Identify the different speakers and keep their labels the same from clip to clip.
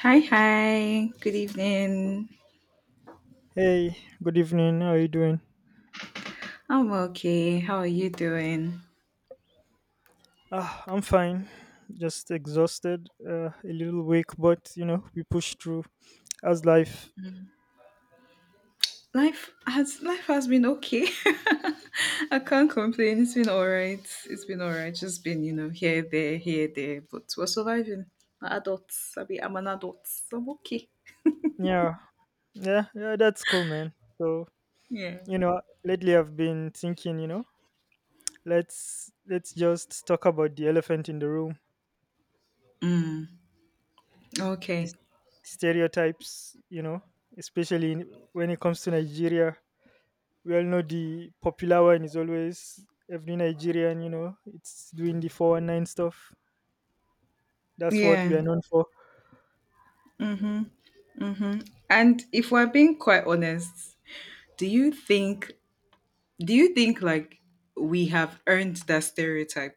Speaker 1: Hi, hi. Good evening.
Speaker 2: Hey, good evening. How are you doing?
Speaker 1: I'm okay. How are you doing?
Speaker 2: Ah, I'm fine. Just exhausted, a little weak, but we push through as life.
Speaker 1: Life has been okay. I can't complain. It's been all right. It's been all right. Just been, you know, here, there, here, there. But we're surviving. We're adults. I'm an adult. So I'm okay.
Speaker 2: Yeah, yeah, yeah, that's cool, man. So,
Speaker 1: Yeah.
Speaker 2: you know, lately I've been thinking, let's just talk about the elephant in the room, the
Speaker 1: Okay.
Speaker 2: stereotypes, especially when it comes to Nigeria. We all know the popular one is always every Nigerian, it's doing the 419 stuff. That's what we
Speaker 1: Yeah.
Speaker 2: are known for.
Speaker 1: Hmm. And if we're being quite honest, do you think do you think we have earned that stereotype?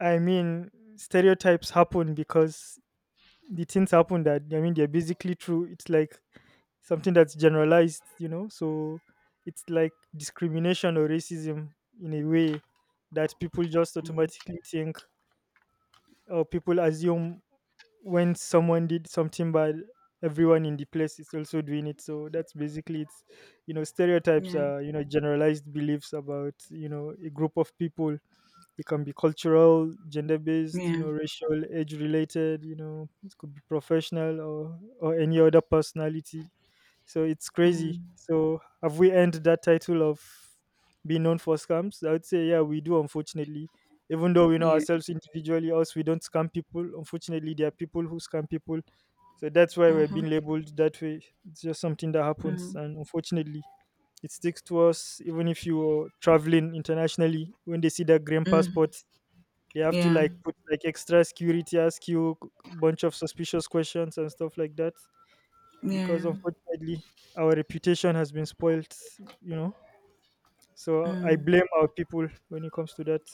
Speaker 2: I mean, stereotypes happen because the things happen that, I mean, they're basically true. It's like something that's generalized. So it's like discrimination or racism in a way that people just automatically think, or people assume when someone did something bad, everyone in the place is also doing it. So that's basically it's you know stereotypes
Speaker 1: Yeah.
Speaker 2: are generalized beliefs about a group of people. It can be cultural, gender based,
Speaker 1: Yeah.
Speaker 2: racial, age related, it could be professional, or any other personality. So it's crazy.
Speaker 1: Mm.
Speaker 2: So have we earned that title of being known for scams? I would say, yeah, we do, unfortunately. Even though we know
Speaker 1: Yeah.
Speaker 2: ourselves individually, us, we don't scam people. Unfortunately, there are people who scam people. So that's why we're
Speaker 1: Mm-hmm.
Speaker 2: being labeled that way. It's just something that happens.
Speaker 1: Mm,
Speaker 2: And unfortunately, it sticks to us even if you're traveling internationally. When they see that green
Speaker 1: mm,
Speaker 2: passport, they have to
Speaker 1: yeah,
Speaker 2: like put like extra security, ask you a bunch of suspicious questions and stuff like that.
Speaker 1: yeah.
Speaker 2: Because unfortunately, our reputation has been spoiled, you know. So I blame our people when it comes to that.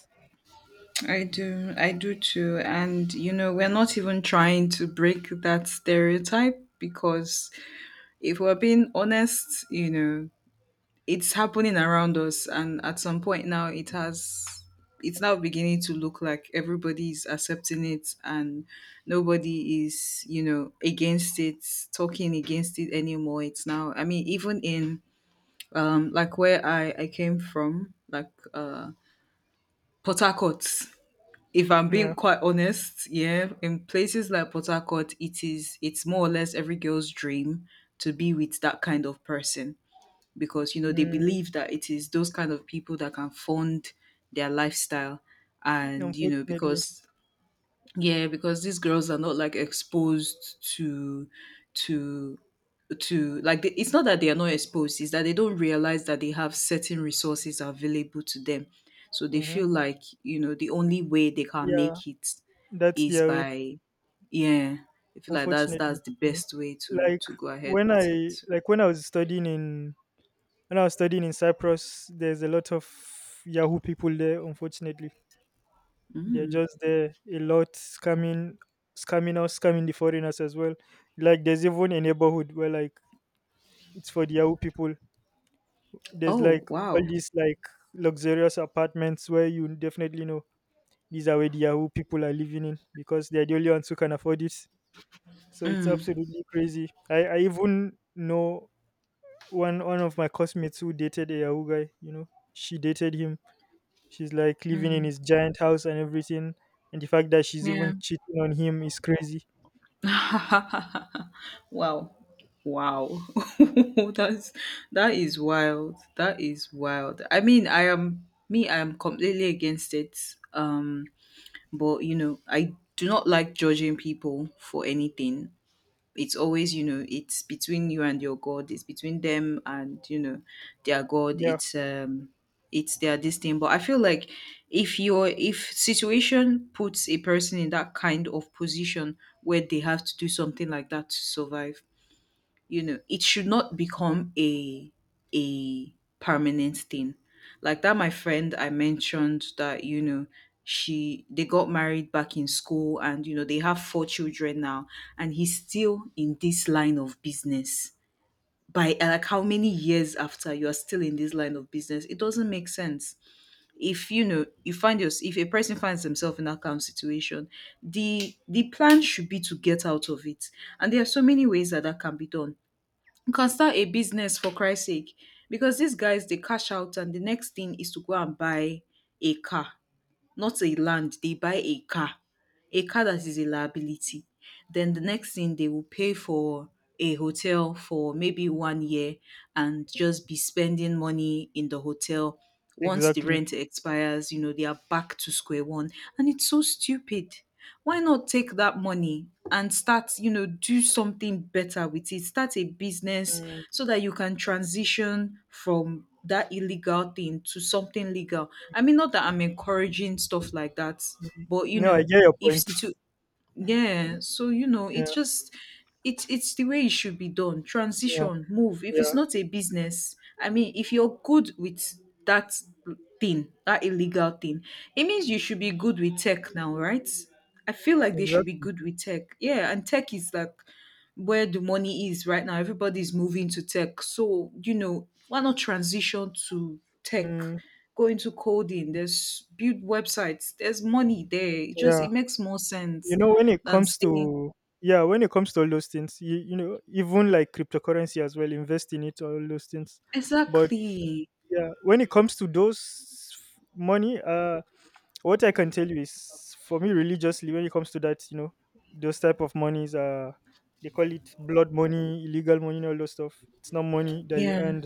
Speaker 1: I do too. And you know, we're not even trying to break that stereotype because if we're being honest, you know, it's happening around us, and at some point now, it has. It's now beginning to look like everybody is accepting it and nobody is, you know, against it, talking against it anymore. It's now, I mean, even in like where I came from, like Port Harcourt, if I'm
Speaker 2: Yeah.
Speaker 1: being quite honest, yeah, in places like Port Harcourt, it's more or less every girl's dream to be with that kind of person because you know they
Speaker 2: Mm,
Speaker 1: believe that it is those kind of people that can fund their lifestyle and you know
Speaker 2: unfortunately.
Speaker 1: because yeah because these girls are not like exposed to to like it's not that they are not exposed, it's that they don't realize that they have certain resources available to them, so they
Speaker 2: Hmm.
Speaker 1: feel like, you know, the only way they can
Speaker 2: Yeah,
Speaker 1: make it
Speaker 2: that's
Speaker 1: is
Speaker 2: their way,
Speaker 1: by yeah. I feel like
Speaker 2: unfortunately.
Speaker 1: that's the
Speaker 2: Mm.
Speaker 1: best way
Speaker 2: Like
Speaker 1: to go ahead
Speaker 2: when
Speaker 1: with
Speaker 2: I
Speaker 1: it.
Speaker 2: like when I was studying in when I was studying in Cyprus, there's a lot of Yahoo people there, unfortunately. They're just there a lot scamming us, scamming the foreigners as well. Like there's even a neighborhood where like it's for the Yahoo people. There's
Speaker 1: Oh,
Speaker 2: like all
Speaker 1: wow.
Speaker 2: these like luxurious apartments where you definitely know, these are where the Yahoo people are living in because they're the only ones who can afford it. So it's
Speaker 1: Mm,
Speaker 2: absolutely crazy. I even know one of my classmates who dated a Yahoo guy. She dated him. She's like living in his giant house and everything. And the fact that she's
Speaker 1: yeah.
Speaker 2: even cheating on him is crazy.
Speaker 1: Wow. Wow. That's that is wild. That is wild. I mean, I am me, I am completely against it. But you know, I do not like judging people for anything. It's always, you know, it's between you and your god, it's between them and you know their god.
Speaker 2: Yeah,
Speaker 1: It's it's their this thing, but I feel like if situation puts a person in that kind of position where they have to do something like that to survive, you know it should not become a permanent thing. Like that my friend I mentioned that, you know, she they got married back in school and you know they have four children now, and he's still in this line of business. By like how many years after, you are still in this line of business? It doesn't make sense. If you know you find your if a person finds themselves in that kind of situation, the plan should be to get out of it, and there are so many ways that that can be done. You can start a business for Christ's sake, because these guys they cash out and the next thing is to go and buy a car, not a land. They buy a car that is a liability. Then the next thing they will pay for a hotel for maybe 1 year and just be spending money in the hotel. Once the
Speaker 2: exactly.
Speaker 1: rent expires, you know, they are back to square one. And it's so stupid. Why not take that money and start, you know, do something better with it, start a business,
Speaker 2: Mm.
Speaker 1: so that you can transition from that illegal thing to something legal? I mean, not that I'm encouraging stuff like that, but you
Speaker 2: No, I
Speaker 1: know,
Speaker 2: get your
Speaker 1: if
Speaker 2: point.
Speaker 1: situ- yeah, so you know, it's
Speaker 2: Yeah,
Speaker 1: just it's the way it should be done.
Speaker 2: yeah,
Speaker 1: Transition, move. If
Speaker 2: yeah,
Speaker 1: it's not a business, I mean, if you're good with that thing, that illegal thing, it means you should be good with tech now, right? I feel like they should be
Speaker 2: exactly.
Speaker 1: good with tech. Yeah, and tech is like where the money is right now. Everybody's moving to tech. So, you know, why not transition to tech?
Speaker 2: Mm,
Speaker 1: Go into coding. There's build websites. There's money there. It just
Speaker 2: yeah.
Speaker 1: it makes more sense
Speaker 2: When it
Speaker 1: than
Speaker 2: comes
Speaker 1: staying.
Speaker 2: to, yeah, when it comes to all those things, even like cryptocurrency as well, invest in it, all those things. But
Speaker 1: Exactly.
Speaker 2: yeah, when it comes to those money, what I can tell you is, for me religiously, when it comes to that, those type of monies are they call it blood money, illegal money, and all those stuff. It's not money that you
Speaker 1: Yeah.
Speaker 2: earn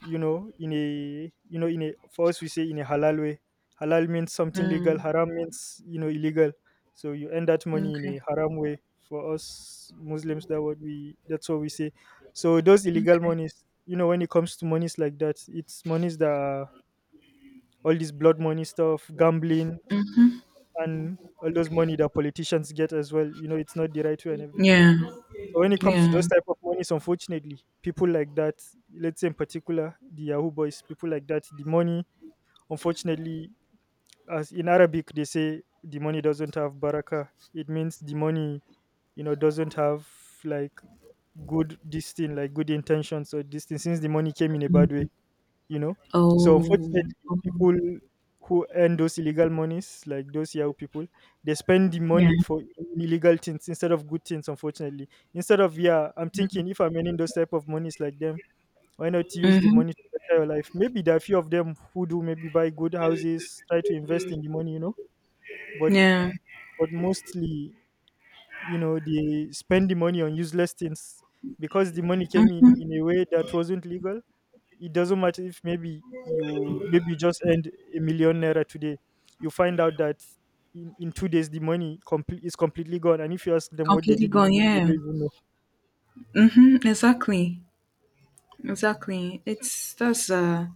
Speaker 2: you know in a you know in a for us we say in a halal way. Halal means something legal,
Speaker 1: Mm.
Speaker 2: haram means illegal. So you earn that money in a
Speaker 1: Okay.
Speaker 2: haram way, for us Muslims, that's what we say. So those illegal
Speaker 1: Okay.
Speaker 2: monies, when it comes to monies like that, it's monies that are all this blood money stuff, gambling, and all those money that politicians get as well. You know, it's not the right way and everything.
Speaker 1: Yeah.
Speaker 2: So when it comes to those
Speaker 1: Yeah.
Speaker 2: type of monies, unfortunately, people like that, let's say in particular the Yahoo boys, people like that, the money, unfortunately, as in Arabic they say, the money doesn't have baraka. It means the money, doesn't have like good this thing, like good intentions or this thing, since the money came in a bad way you know. So
Speaker 1: Oh.
Speaker 2: unfortunately,
Speaker 1: Oh.
Speaker 2: people who earn those illegal monies, like those Yahoo people, they spend the
Speaker 1: Yeah.
Speaker 2: money for illegal things instead of good things. Unfortunately, instead of yeah, I'm thinking, if I'm earning those type of monies like them, why not use the
Speaker 1: Mm-hmm.
Speaker 2: money to better your life? Maybe there are few of them who do, maybe buy good houses, try to invest in the money. But
Speaker 1: Yeah.
Speaker 2: but mostly, they spend the money on useless things because the money came in
Speaker 1: Mhm.
Speaker 2: in a way that wasn't legal. It doesn't matter if maybe you just earned 1 million naira today. You find out that in 2 days the money completely gone. And if you ask them what they
Speaker 1: Completely
Speaker 2: did with
Speaker 1: gone.
Speaker 2: it, they
Speaker 1: Yeah.
Speaker 2: don't even know.
Speaker 1: Mm-hmm. Exactly. Exactly. It's That's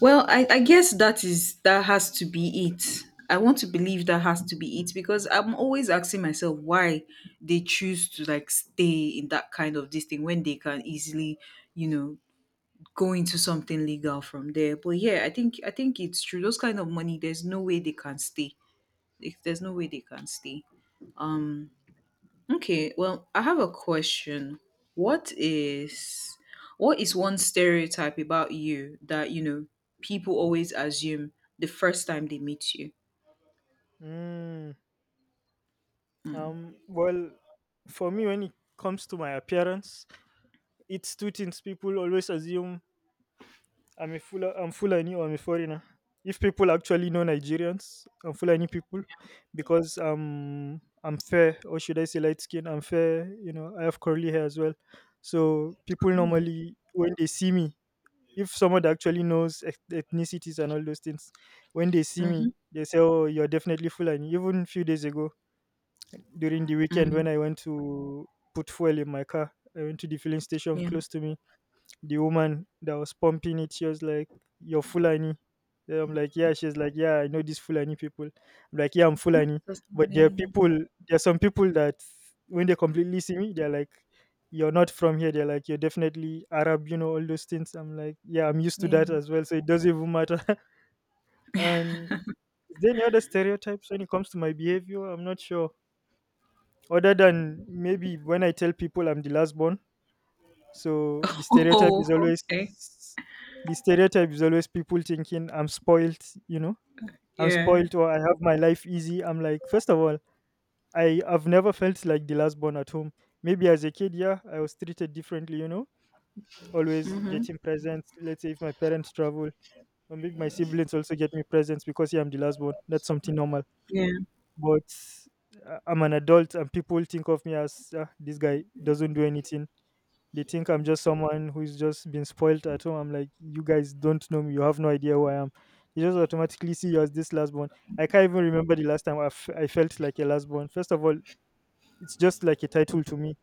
Speaker 1: well, I guess that is that has to be it. I want to believe that has to be it because I'm always asking myself why they choose to like stay in that kind of this thing when they can easily, you know, go into something legal from there. But yeah, I think it's true. Those kind of money, there's no way they can stay. If there's no way they can stay. Um. Okay. Well, I have a question. What is what is one stereotype about you that you know people always assume the first time they meet you?
Speaker 2: Mm,
Speaker 1: Mm.
Speaker 2: well, for me, when it comes to my appearance, it's two things. People always assume I'm Fulani or I'm a foreigner. If people actually know Nigerians, I'm Fulani people because I'm fair, or should I say light skin? I'm fair, I have curly hair as well. So people
Speaker 1: Oh.
Speaker 2: normally when they see me, if someone that actually knows ethnicities and all those things, when they see me,
Speaker 1: Mm-hmm.
Speaker 2: they say, Oh, you're definitely Fulani. Even a few days ago during the weekend,
Speaker 1: Mm-hmm.
Speaker 2: when I went to put fuel in my car, I went to the filling station
Speaker 1: Yeah.
Speaker 2: close to me. The woman that was pumping it, she was like, You're Fulani. Then I'm like, Yeah, she's like, Yeah, I know these Fulani people. I'm like, Yeah, I'm
Speaker 1: What
Speaker 2: Fulani.
Speaker 1: does that
Speaker 2: But there are
Speaker 1: mean?
Speaker 2: people, there are some people that when they completely see me, they're like, You're not from here. They're like, You're definitely Arab, all those things. I'm like, Yeah, I'm used to
Speaker 1: Yeah.
Speaker 2: that as well. So it doesn't even matter. And is there any other stereotypes when it comes to my behavior? I'm not sure. Other than maybe when I tell people I'm the last born, so the stereotype
Speaker 1: Oh.
Speaker 2: is always
Speaker 1: Okay.
Speaker 2: the stereotype is always people thinking I'm spoiled, you know, I'm
Speaker 1: Yeah.
Speaker 2: spoiled or I have my life easy. I'm like, first of all, I have never felt like the last born at home. Maybe as a kid, yeah, I was treated differently, always getting presents. Let's say if my parents travel, or maybe my siblings also get me presents because yeah, I'm the last born. That's something normal.
Speaker 1: Yeah.
Speaker 2: But I'm an adult and people think of me as, this guy doesn't do anything. They think I'm just someone who's just been spoiled at home. I'm like, you guys don't know me. You have no idea who I am. They just automatically see you as this last born. I can't even remember the last time I felt like a last born. First of all, it's just like a title to me.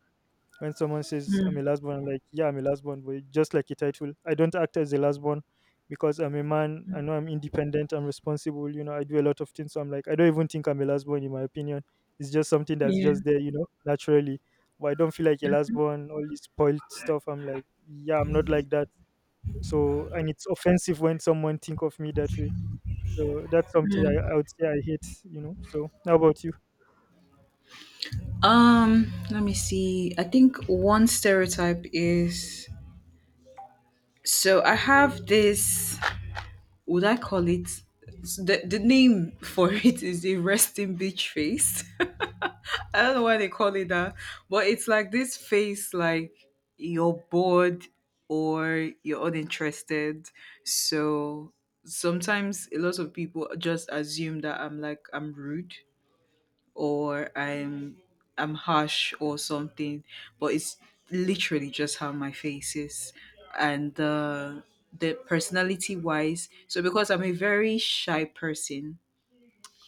Speaker 2: When someone says I'm
Speaker 1: Mm.
Speaker 2: a last born, I'm like, yeah, I'm a last born, but just like a title, I don't act as a last born because I'm a man. I know I'm independent. I'm responsible. I do a lot of things. So I'm like, I don't even think I'm a last born. In my opinion, it's just something that's
Speaker 1: Yeah.
Speaker 2: just there. Naturally. But I don't feel like a last born. All this spoiled stuff. I'm like, yeah, I'm not like that. So, and it's offensive when someone think of me that way. So that's something I would say I hate. So how about you?
Speaker 1: Let me see. I think one stereotype is so I have this, would I call it, the name for it is a resting bitch face. I don't know why they call it that, but it's like this face like you're bored or you're uninterested. So sometimes a lot of people just assume that I'm like I'm rude or I'm harsh or something, but it's literally just how my face is, and the personality wise. So because I'm a very shy person,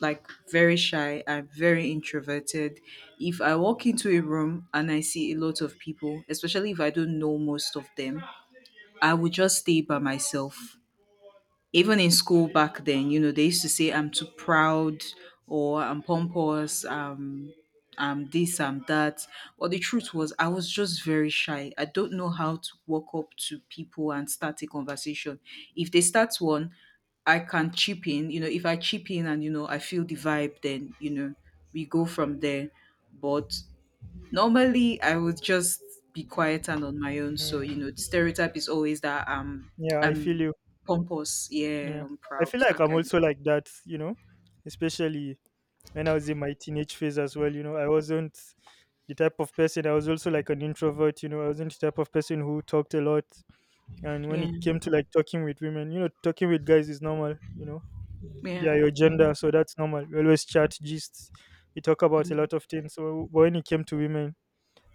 Speaker 1: like very shy, I'm very introverted. If I walk into a room and I see a lot of people, especially if I don't know most of them, I would just stay by myself. Even in school back then, you know, they used to say I'm too proud or I'm pompous, I'm this, I'm that. But the truth was I was just very shy. I don't know how to walk up to people and start a conversation. If they start one, I can chip in. You know, if I chip in and you know I feel the vibe, then you know we go from there. But normally I would just be quiet and on my own. So,
Speaker 2: Mm,
Speaker 1: you know, the stereotype is always that
Speaker 2: yeah, I feel
Speaker 1: I'm
Speaker 2: you.
Speaker 1: pompous, yeah,
Speaker 2: Yeah.
Speaker 1: I'm
Speaker 2: I
Speaker 1: proud,
Speaker 2: feel like
Speaker 1: that
Speaker 2: I'm
Speaker 1: kind of
Speaker 2: also like that, especially when I was in my teenage phase as well. I wasn't the type of person, I was also like an introvert, I wasn't the type of person who talked a lot. And when
Speaker 1: yeah,
Speaker 2: it came to like talking with women, talking with guys is normal, they
Speaker 1: yeah,
Speaker 2: are your gender, so that's normal. We always chat, gist, we talk about a
Speaker 1: mm,
Speaker 2: lot of things. So when it came to women,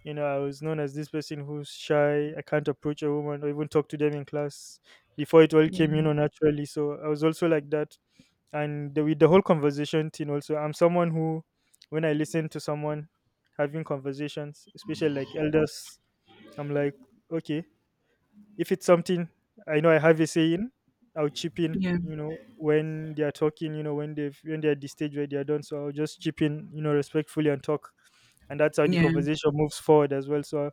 Speaker 2: I was known as this person who's shy. I can't approach a woman or even talk to them in class before it all came
Speaker 1: yeah,
Speaker 2: naturally, so I was also like that. And with the whole conversation thing also, I'm someone who, when I listen to someone having conversations, especially like elders, I'm like, okay, if it's something I know I have a say in, I'll chip in,
Speaker 1: yeah,
Speaker 2: you know, when they are talking, when they're at the stage where they are done. So I'll just chip in, respectfully and talk. And that's how the
Speaker 1: yeah,
Speaker 2: conversation moves forward as well. So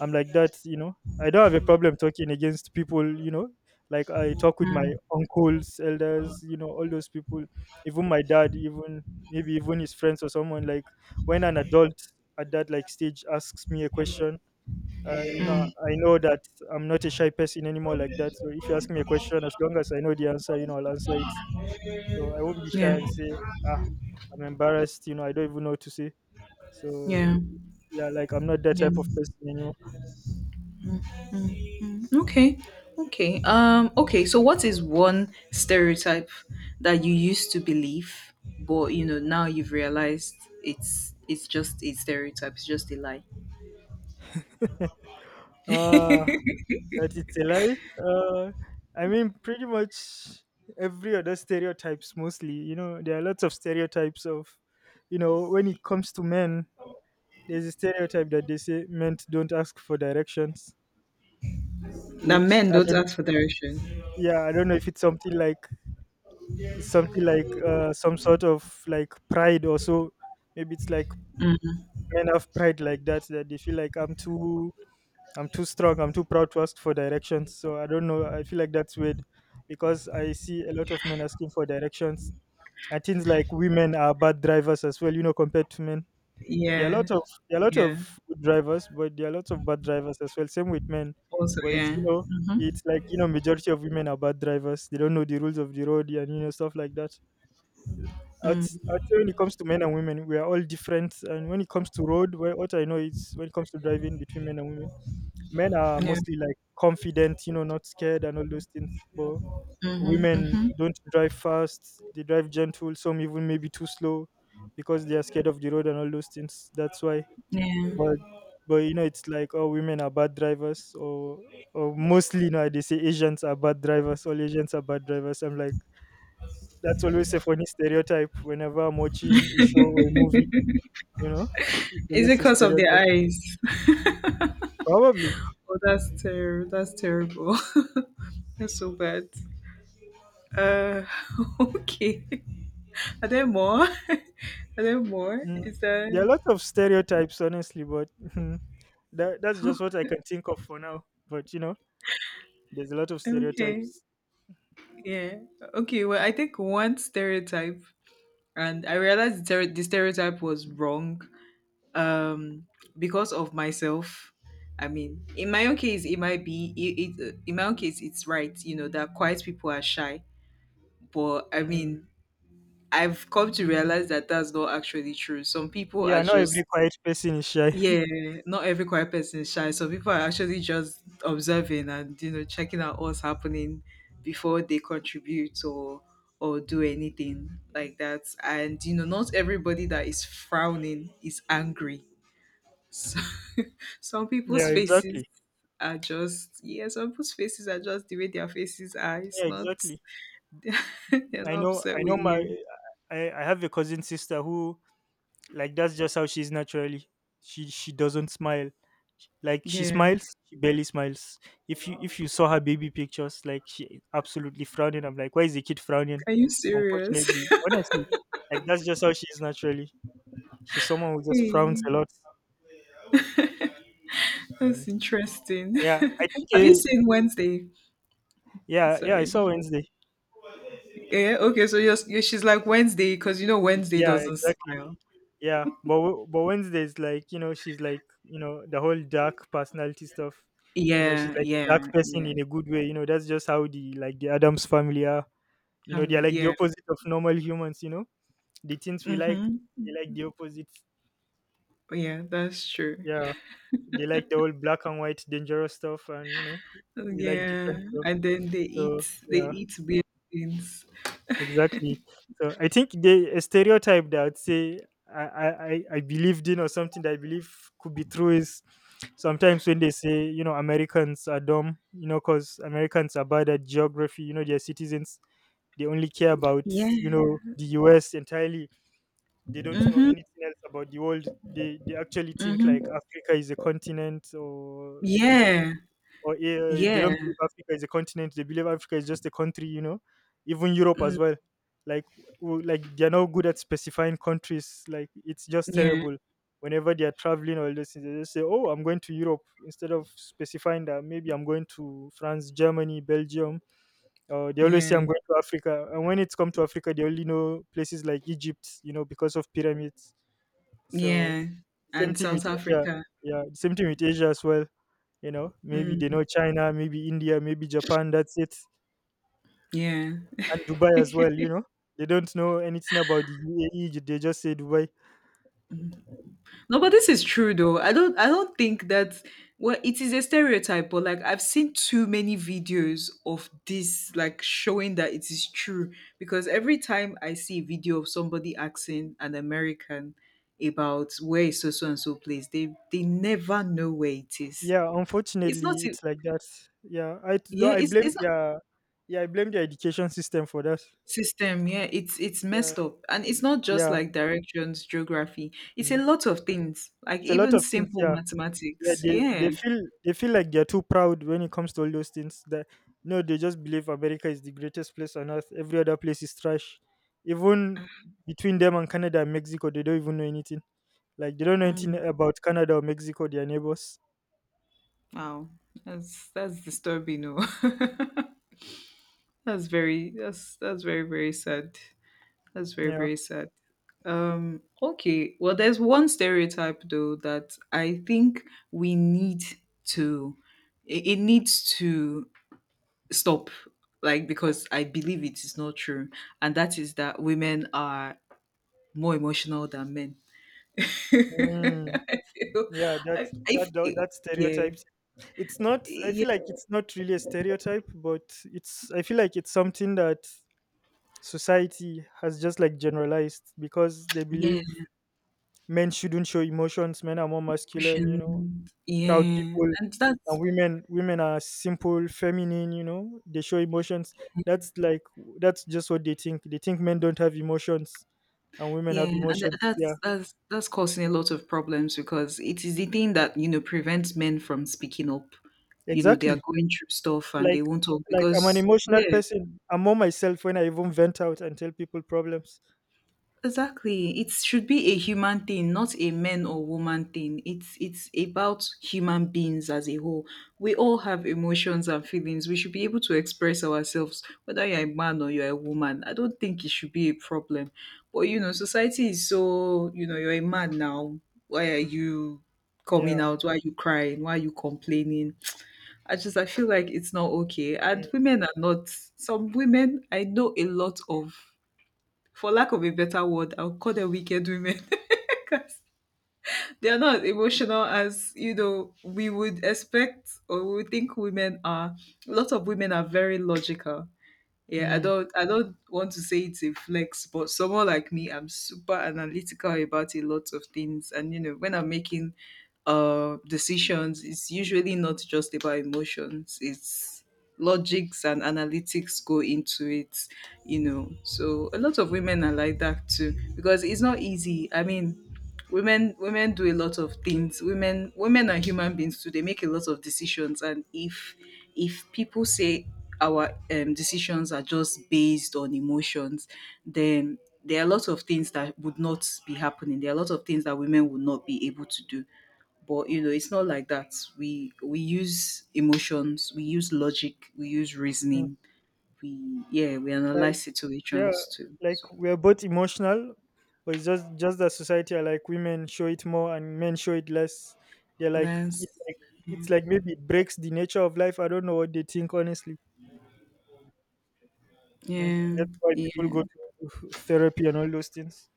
Speaker 2: I'm like that. I don't have a problem talking against people. Like I talk with my
Speaker 1: mm,
Speaker 2: uncles, elders, all those people, even my dad, even maybe even his friends or someone. Like when an adult at that like stage asks me a question, you know I
Speaker 1: mm,
Speaker 2: know that I'm not a shy person anymore like that. So if you ask me a question, as long as I know the answer, you know, I'll answer it. So I won't be shy
Speaker 1: yeah,
Speaker 2: and say, ah I'm embarrassed, you know, I don't even know what to say. So
Speaker 1: yeah,
Speaker 2: yeah, like I'm not that type of
Speaker 1: yeah.
Speaker 2: person anymore.
Speaker 1: Mm. Okay. Okay. Okay, so what is one stereotype that you used to believe but you know now you've realized it's just a stereotype, it's just a lie.
Speaker 2: uh, that it's a lie. I mean, pretty much every other stereotypes, mostly. You know, there are lots of stereotypes of, you know, when it comes to men, there's a stereotype that they say men don't ask for directions,
Speaker 1: That
Speaker 2: which
Speaker 1: men
Speaker 2: I
Speaker 1: don't
Speaker 2: don't.
Speaker 1: ask for direction.
Speaker 2: Yeah, I don't know if it's something like it's something like some sort of like pride or so. Maybe it's like
Speaker 1: Mm.
Speaker 2: men have pride like that, that they feel like I'm too strong, I'm too proud to ask for directions. So I don't know. I feel like that's weird because I see a lot of men asking for directions. And things like women are bad drivers as well, you know, compared to men. There are a
Speaker 1: Yeah,
Speaker 2: lot of there are a lot of
Speaker 1: yeah.
Speaker 2: good drivers, but there are a lot of bad drivers as well. Same with men,
Speaker 1: Also,
Speaker 2: but it's
Speaker 1: yeah.
Speaker 2: you know
Speaker 1: Mm-hmm.
Speaker 2: it's like you know majority of women are bad drivers. They don't know the rules of the road and you know stuff like that.
Speaker 1: Mm.
Speaker 2: I'd say when it comes to men and women, we are all different. And when it comes to road, what I know is when it comes to driving between men and women, men are
Speaker 1: Yeah,
Speaker 2: mostly like confident, you know, not scared and all those things. But women don't drive fast; they drive gentle. Some even maybe too slow because they are scared of the road and all those things. That's why
Speaker 1: yeah.
Speaker 2: but but you know it's like, oh, women are bad drivers, or mostly you know they say Asians are bad drivers, all Asians are bad drivers. I'm like, that's always a funny stereotype whenever I'm watching a show or a movie, you know, it's
Speaker 1: Is
Speaker 2: always
Speaker 1: it
Speaker 2: a
Speaker 1: because of the
Speaker 2: stereotype.
Speaker 1: eyes?
Speaker 2: Probably.
Speaker 1: Oh, that's terrible. That's terrible. That's so bad. Uh, okay. Are there more? Are there more?
Speaker 2: Mm.
Speaker 1: Is
Speaker 2: There are
Speaker 1: that
Speaker 2: lots of stereotypes honestly, but that's just what I can think of for now, but you know there's a lot of
Speaker 1: okay?
Speaker 2: stereotypes.
Speaker 1: Yeah. Okay. Well, I think one stereotype, and I realized the stereotype was wrong um because of myself. I mean, in my own case it might be it, it in my own case it's right, you know, that quiet people are shy, but I
Speaker 2: Mm.
Speaker 1: mean, I've come to realize that that's not actually true. Some people
Speaker 2: Yeah,
Speaker 1: are
Speaker 2: not every
Speaker 1: just
Speaker 2: quiet person is shy.
Speaker 1: yeah, not every quiet person is shy, some people are actually just observing and, you know, checking out what's happening before they contribute or do anything like that. And you know, not everybody that is frowning is angry. So, some
Speaker 2: Yeah,
Speaker 1: people's faces
Speaker 2: exactly.
Speaker 1: are just yeah, some people's faces are just the way their faces are. It's
Speaker 2: Yeah,
Speaker 1: not
Speaker 2: exactly.
Speaker 1: they're
Speaker 2: I
Speaker 1: not
Speaker 2: know,
Speaker 1: upset
Speaker 2: I
Speaker 1: with
Speaker 2: know my,
Speaker 1: you.
Speaker 2: I have a cousin sister who, like, that's just how she's naturally. She doesn't smile. Like she
Speaker 1: Yeah.
Speaker 2: smiles, she barely smiles. If you saw her baby pictures, like she absolutely frowning. I'm like, why is the kid frowning?
Speaker 1: Are you serious?
Speaker 2: Unfortunately, honestly, like that's just how she is naturally. She's someone who just frowns a
Speaker 1: Hey,
Speaker 2: lot.
Speaker 1: that's interesting.
Speaker 2: Yeah, I think.
Speaker 1: Have you
Speaker 2: Uh,
Speaker 1: seen Wednesday?
Speaker 2: yeah, yeah. I
Speaker 1: Sorry.
Speaker 2: saw Wednesday.
Speaker 1: Yeah, okay, so you she's like Wednesday because you know Wednesday
Speaker 2: Yeah,
Speaker 1: doesn't
Speaker 2: exactly.
Speaker 1: smile.
Speaker 2: Yeah, but but Wednesdays like you know she's like you know the whole dark personality stuff, you know she's
Speaker 1: Yeah,
Speaker 2: like a dark
Speaker 1: yeah,
Speaker 2: person
Speaker 1: yeah.
Speaker 2: in a good way, you know that's just how the like the Adams family are, you know they're
Speaker 1: Family,
Speaker 2: like the
Speaker 1: yeah.
Speaker 2: opposite of normal humans, you know the things we like
Speaker 1: Mm-hmm.
Speaker 2: they like the opposite.
Speaker 1: Yeah, that's true.
Speaker 2: Yeah, they like the whole black and white dangerous stuff and you know we like
Speaker 1: Yeah,
Speaker 2: different stuff.
Speaker 1: and then
Speaker 2: So
Speaker 1: they
Speaker 2: yeah,
Speaker 1: eat weird things.
Speaker 2: exactly. So I think they a stereotype that I would say I believed in or something that I believe could be true is sometimes when they say, you know, Americans are dumb, you know, because Americans are bad at geography. You know, their citizens they only care about you
Speaker 1: Yeah.
Speaker 2: know the U.S. entirely. They don't know
Speaker 1: Mhm.
Speaker 2: anything else about the world. They actually think like
Speaker 1: Mhm.
Speaker 2: Africa is a continent or you know
Speaker 1: Yeah.
Speaker 2: or they
Speaker 1: Yeah.
Speaker 2: don't believe Africa is a continent. They believe Africa is just a country, you know. Even Europe
Speaker 1: Mm,
Speaker 2: as well, like like they're not good at specifying countries. Like it's just
Speaker 1: yeah.
Speaker 2: terrible. Whenever they are traveling or this, they just say, "Oh, I'm going to Europe," instead of specifying that maybe I'm going to France, Germany, Belgium. They always say
Speaker 1: Yeah.
Speaker 2: I'm going to Africa, and when it's come to Africa, they only know places like Egypt, you know, because of pyramids. So
Speaker 1: Yeah.
Speaker 2: same
Speaker 1: And
Speaker 2: thing with
Speaker 1: South
Speaker 2: Asia.
Speaker 1: Africa.
Speaker 2: Yeah, same thing with Asia as well, you know, maybe they
Speaker 1: Mm,
Speaker 2: know China, maybe India, maybe Japan. That's it,
Speaker 1: yeah.
Speaker 2: and Dubai as well. You know, they don't know anything about the UAE. They just say Dubai.
Speaker 1: No, but this is true though. I don't think that, well, it is a stereotype, but like I've seen too many videos of this like showing that it is true. Because every time I see a video of somebody asking an American about where is so so and so place, they never know where it is.
Speaker 2: Yeah,
Speaker 1: It's not
Speaker 2: unfortunately,
Speaker 1: a-
Speaker 2: it's like that. Yeah, though
Speaker 1: Yeah,
Speaker 2: I blame
Speaker 1: it's
Speaker 2: their yeah I blame their education system for that.
Speaker 1: system, yeah, it's
Speaker 2: Yeah,
Speaker 1: messed up. And it's not just
Speaker 2: yeah,
Speaker 1: like directions, geography, it's a
Speaker 2: mm,
Speaker 1: lot of things, like
Speaker 2: it's a lot
Speaker 1: even
Speaker 2: of things.
Speaker 1: simple
Speaker 2: Yeah. Yeah
Speaker 1: mathematics,
Speaker 2: they,
Speaker 1: yeah.
Speaker 2: they feel they feel like they're too proud when it comes to all those things that no they just believe America is the greatest place on earth, every other place is trash. Even between them and Canada and Mexico they don't even know anything, like they don't know anything
Speaker 1: Mm,
Speaker 2: about Canada or Mexico, their neighbors.
Speaker 1: wow. That's disturbing. No. That's very, that's very very sad, that's very
Speaker 2: Yeah.
Speaker 1: very sad. Okay, well there's one stereotype though that I think we need to, it needs to stop, like because I believe it is not true, and that is that women are more emotional than men. I
Speaker 2: Mm,
Speaker 1: feel,
Speaker 2: yeah that
Speaker 1: I
Speaker 2: that tho-
Speaker 1: feel,
Speaker 2: that
Speaker 1: yeah,
Speaker 2: stereotypes it's not I
Speaker 1: yeah,
Speaker 2: feel like it's not really a stereotype but it's I feel like it's something that society has just like generalized because they
Speaker 1: yeah
Speaker 2: believe men shouldn't show emotions. Men are more masculine, you know,
Speaker 1: emotion
Speaker 2: proud
Speaker 1: yeah
Speaker 2: people,
Speaker 1: and that's
Speaker 2: and women are simple, feminine. You know, they show emotions. That's like that's just what they think. They think men don't have emotions, and women
Speaker 1: yeah
Speaker 2: have emotions. Yeah,
Speaker 1: that's that's causing a lot of problems because it is the thing that, you know, prevents men from speaking up. You know, they
Speaker 2: exactly.
Speaker 1: are going through stuff and
Speaker 2: Like
Speaker 1: they won't talk
Speaker 2: like I'm an
Speaker 1: because
Speaker 2: emotional
Speaker 1: yeah.
Speaker 2: person. I'm more myself when I even vent out and tell people problems.
Speaker 1: Exactly. It should be a human thing, not a man or woman thing. It's about human beings as a whole. We all have emotions and feelings. We should be able to express ourselves, whether you're a man or you're a woman. I don't think it should be a problem. But you know, society is so, you know, you're a man now. Why are you coming
Speaker 2: Yeah.
Speaker 1: out? Why are you crying? Why are you complaining? I feel like it's not okay.
Speaker 2: Mm.
Speaker 1: And women are not, some women I know a lot of, for lack of a better word, I'll call them wicked women. They are not emotional as you know we would expect or we would think women are. A lot of women are very logical. Yeah, I
Speaker 2: Mm.
Speaker 1: don't I don't want to say it's a flex, but someone like me, I'm super analytical about a lot of things. And you know, when I'm making decisions, it's usually not just about emotions. It's logics and analytics go into it, you know. So a lot of women are like that too, because it's not easy. I mean, women do a lot of things, women are human beings too, they make a lot of decisions. And if people say our decisions are just based on emotions, then there are a lot of things that would not be happening, there are a lot of things that women would not be able to do. But you know, it's not like that. We use emotions, we use logic, we use
Speaker 2: Mm.
Speaker 1: reasoning, we, yeah, we
Speaker 2: Like
Speaker 1: analyze
Speaker 2: yeah
Speaker 1: situations too.
Speaker 2: like
Speaker 1: So
Speaker 2: we're both emotional but it's just that society are like women show it more and men show it less. They're like it,
Speaker 1: that's,
Speaker 2: like
Speaker 1: yeah,
Speaker 2: it's like maybe it breaks the nature of life, I don't know what they think honestly. Mm. That's why people
Speaker 1: yeah.
Speaker 2: go to therapy and all those things.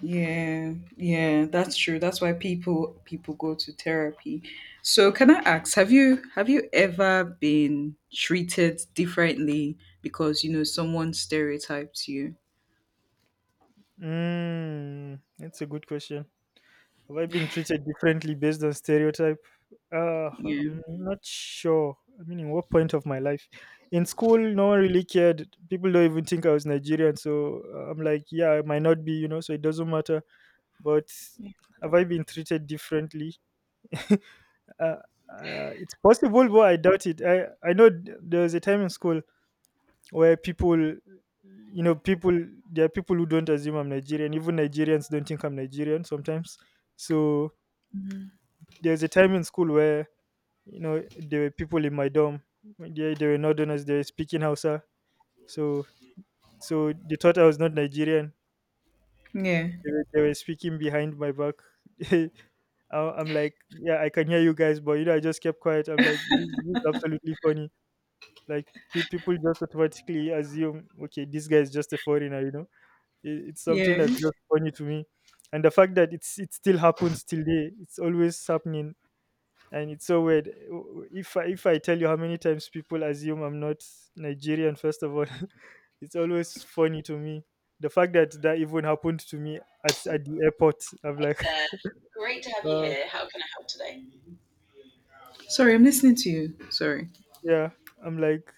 Speaker 1: Yeah, yeah, that's true. That's why people go to therapy. So, can I ask, have you, have you ever been treated differently because you know someone stereotypes you?
Speaker 2: Mm, that's a good question. Have I been treated differently based on stereotype?
Speaker 1: Yeah.
Speaker 2: I'm not sure. I mean, in what point of my life? In school, no one really cared. People don't even think I was Nigerian. So I'm like, yeah, I might not be, you know, so it doesn't matter. But have I been treated differently? Uh, it's possible, but I doubt it. I know there was a time in school where people, there are people who don't assume I'm Nigerian. Even Nigerians don't think I'm Nigerian sometimes. So there's a time in school where you know there were people in my dorm, they were northerners, they were speaking Hausa, so so they thought I was not Nigerian.
Speaker 1: Yeah.
Speaker 2: they, were, they were speaking behind my back. I- I'm like, yeah, I can hear you guys, but you know I just kept quiet. I'm like, this is absolutely funny. Like people just automatically assume, okay, this guy is just a foreigner, you know, it, it's something
Speaker 1: Yeah.
Speaker 2: that's just funny to me. And the fact that it's it still happens till day, it's always happening, and it's so weird. If I tell you how many times people assume I'm not Nigerian, first of all, it's always funny to me. The fact that that even happened to me at the airport, I'm like,
Speaker 1: There. Great to have you
Speaker 2: uh,
Speaker 1: here. How can I help today? Sorry, I'm listening to you. Sorry.
Speaker 2: yeah, I'm like,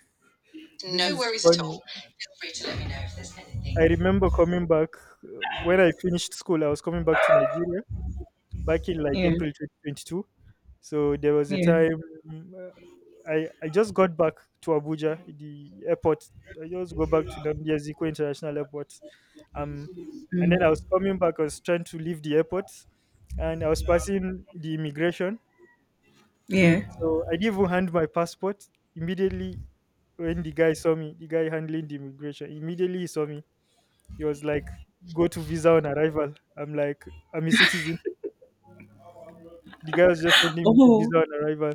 Speaker 2: this
Speaker 1: No
Speaker 2: is
Speaker 1: worries at
Speaker 2: funny.
Speaker 1: all. Feel free to let me know if there's
Speaker 2: I
Speaker 1: anything.
Speaker 2: remember coming back when I finished school. I was coming back to Nigeria back in like
Speaker 1: Yeah.
Speaker 2: April 2022. So there was a
Speaker 1: Yeah.
Speaker 2: time uh, I just got back to Abuja, the airport. I just go back to Namdi Azikwe International Airport. Um, and then I was
Speaker 1: Mm.
Speaker 2: coming back. I was trying to leave the airport, and I was passing the immigration.
Speaker 1: Yeah.
Speaker 2: So I didn't even hand my passport. Immediately, when the guy saw me, the guy handling the immigration, immediately he saw me. He was like, "Go to visa on arrival." I'm like, "I'm a citizen." The guy was just sending me to
Speaker 1: Oh,
Speaker 2: visa on arrival.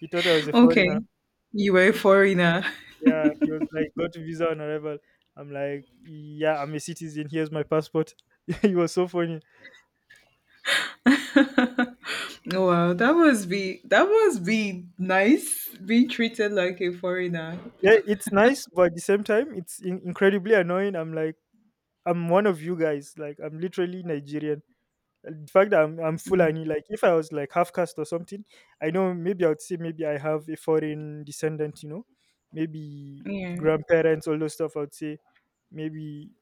Speaker 2: He thought I was a
Speaker 1: okay.
Speaker 2: foreigner.
Speaker 1: You were a foreigner.
Speaker 2: Yeah, he was like, "Got a visa on arrival." I'm like, "Yeah, I'm a citizen. Here's my passport." He was so funny.
Speaker 1: Oh, wow, that must be, that must be nice being treated like a foreigner.
Speaker 2: Yeah,
Speaker 1: Because,
Speaker 2: it's nice, but at the same time, it's incredibly annoying. I'm like, I'm one of you guys. Like, I'm literally Nigerian. And the fact that I'm
Speaker 1: mm,
Speaker 2: Fulani, like, if I was like half caste or something, I know maybe I would say maybe I have a foreign descendant. You know, maybe
Speaker 1: yeah.
Speaker 2: grandparents, all those stuff. I would say maybe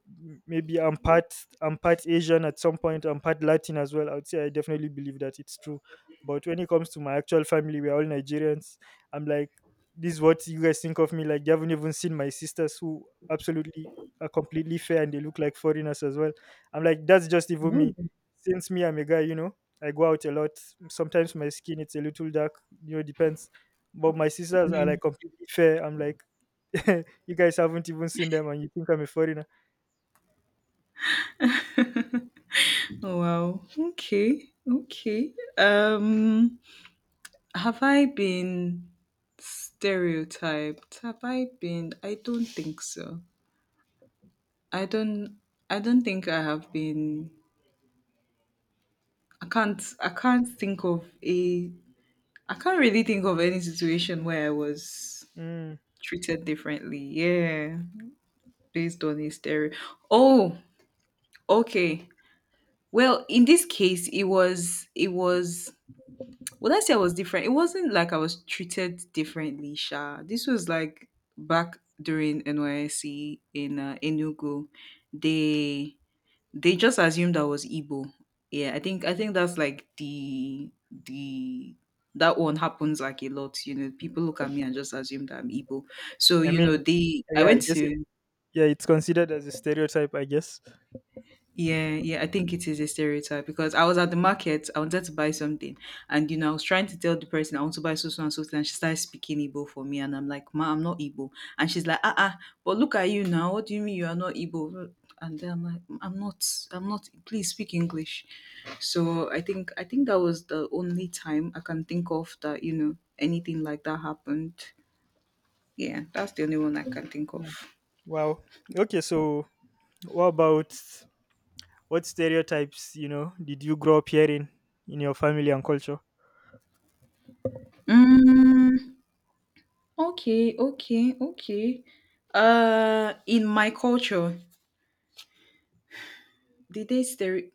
Speaker 2: maybe I'm part Asian at some point, I'm part Latin as well. I would say I definitely believe that it's true. But when it comes to my actual family, we're all Nigerians. I'm like, this is what you guys think of me. Like you haven't even seen my sisters who absolutely are completely fair and they look like foreigners as well. I'm like, that's just even me.
Speaker 1: Oh,
Speaker 2: Since me, I'm a guy, I go out a lot. Sometimes my skin it's a little dark, depends. But my sisters are like
Speaker 1: yeah.
Speaker 2: completely fair. I'm like, you guys haven't even seen them and you think I'm a foreigner.
Speaker 1: Oh, wow. Okay. Okay. Have I been stereotyped? Have I been? I don't think so. I don't. I don't think I have been. I can't. I can't think of a. I can't really think of any situation where I was
Speaker 2: Mm,
Speaker 1: treated differently. Yeah. Based on his theory. Oh, okay. Well, in this case, it was, it was well, I say I was different. It wasn't like I was treated differently, Sha. This was like back during NYSC in Enugu. They they just assumed I was Igbo. Yeah, I think that's like the, that one happens like a lot. You know, people look at me and just assume that I'm Igbo. So
Speaker 2: I
Speaker 1: you know,
Speaker 2: mean,
Speaker 1: they I
Speaker 2: yeah,
Speaker 1: went to.
Speaker 2: yeah, it's considered as a stereotype, I guess.
Speaker 1: Yeah, yeah, I think it is a stereotype because I was at the market, I wanted to buy something, and you know, I was trying to tell the person I want to buy so, so, and she started speaking Igbo for me, and I'm like, Ma, I'm not Igbo. And she's like, ah, ah, but look at you now. What do you mean you are not Igbo? And then I'm like, I'm not, please speak English. So I think that was the only time I can think of that, you know, anything like that happened. Yeah, that's the only one I can think of.
Speaker 2: Mm, wow. Okay, so what about what stereotypes, did you grow up hearing in your family and culture?
Speaker 1: Mm. Okay. In my culture, the day stero,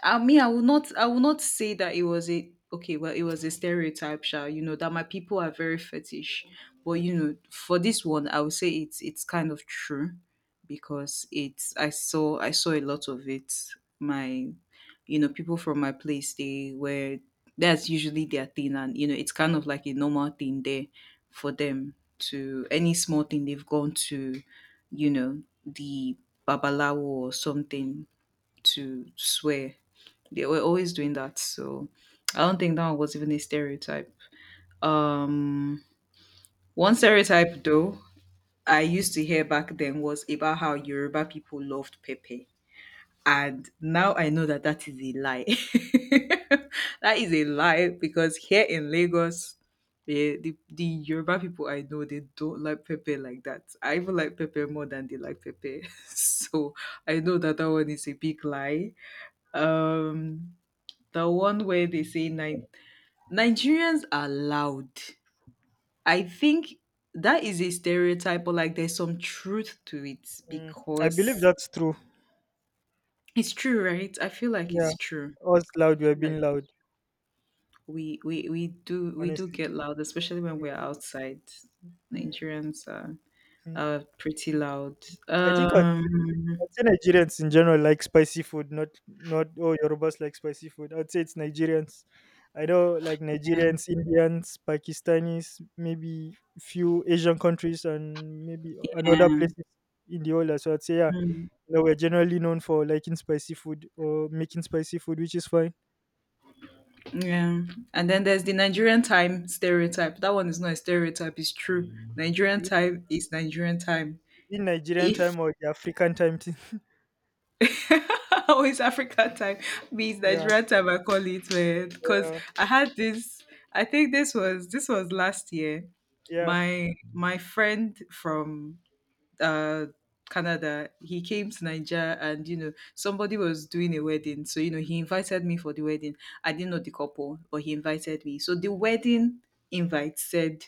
Speaker 1: I mean, I will not say that it was a okay. Well, it was a stereotype, sha. You know that my people are very fetish, but you know, for this one, I would say it's kind of true because it's, I saw a lot of it. My, you know, people from my place, they were, that's usually their thing, and you know, it's kind of like a normal thing there for them to, any small thing they've gone to, you know, the babalawo or something to swear, they were always doing that. So I don't think that was even a stereotype. Um, One stereotype though I used to hear back then was about how Yoruba people loved Pepe, and now I know that that is a lie. That is a lie because here in Lagos, the Yoruba people I know, they don't like Pepe like that. I even like Pepe more than they like Pepe, so I know that that one is a big lie. Um, the one where they say nine Nigerians are loud. I think that is a stereotype, but like there's some truth to it
Speaker 2: Mm, I believe
Speaker 1: because
Speaker 2: that's true.
Speaker 1: it's true, right? I feel like
Speaker 2: Yeah,
Speaker 1: it's true.
Speaker 2: us
Speaker 1: I
Speaker 2: loud, we are
Speaker 1: feel
Speaker 2: being
Speaker 1: like
Speaker 2: loud,
Speaker 1: we do, we do
Speaker 2: honestly.
Speaker 1: get loud, especially when we're
Speaker 2: Mm,
Speaker 1: outside.
Speaker 2: mm,
Speaker 1: Nigerians are
Speaker 2: mm.
Speaker 1: are pretty loud.
Speaker 2: I'd
Speaker 1: Um,
Speaker 2: I'd say Nigerians in general like spicy food, not all Yorubas like spicy food. I'd say it's Nigerians. I know like Nigerians, Indians, Pakistanis, maybe few Asian countries and maybe and other
Speaker 1: yeah.
Speaker 2: places in the world. So I'd say yeah,
Speaker 1: Mm,
Speaker 2: we're generally known for liking spicy food or making spicy food, which is fine.
Speaker 1: yeah. And then there's the Nigerian time stereotype. That one is not a stereotype, it's true. Nigerian
Speaker 2: In
Speaker 1: time is Nigerian time.
Speaker 2: in Nigerian
Speaker 1: If
Speaker 2: time or the African time, thing.
Speaker 1: always Africa time means
Speaker 2: yeah,
Speaker 1: Nigeria time. I call it man because
Speaker 2: yeah,
Speaker 1: I had this. I think this was last year.
Speaker 2: yeah,
Speaker 1: My friend from uh Canada, he came to Nigeria and you know somebody was doing a wedding, so you know he invited me for the wedding. I didn't know the couple, but he invited me. So the wedding invite said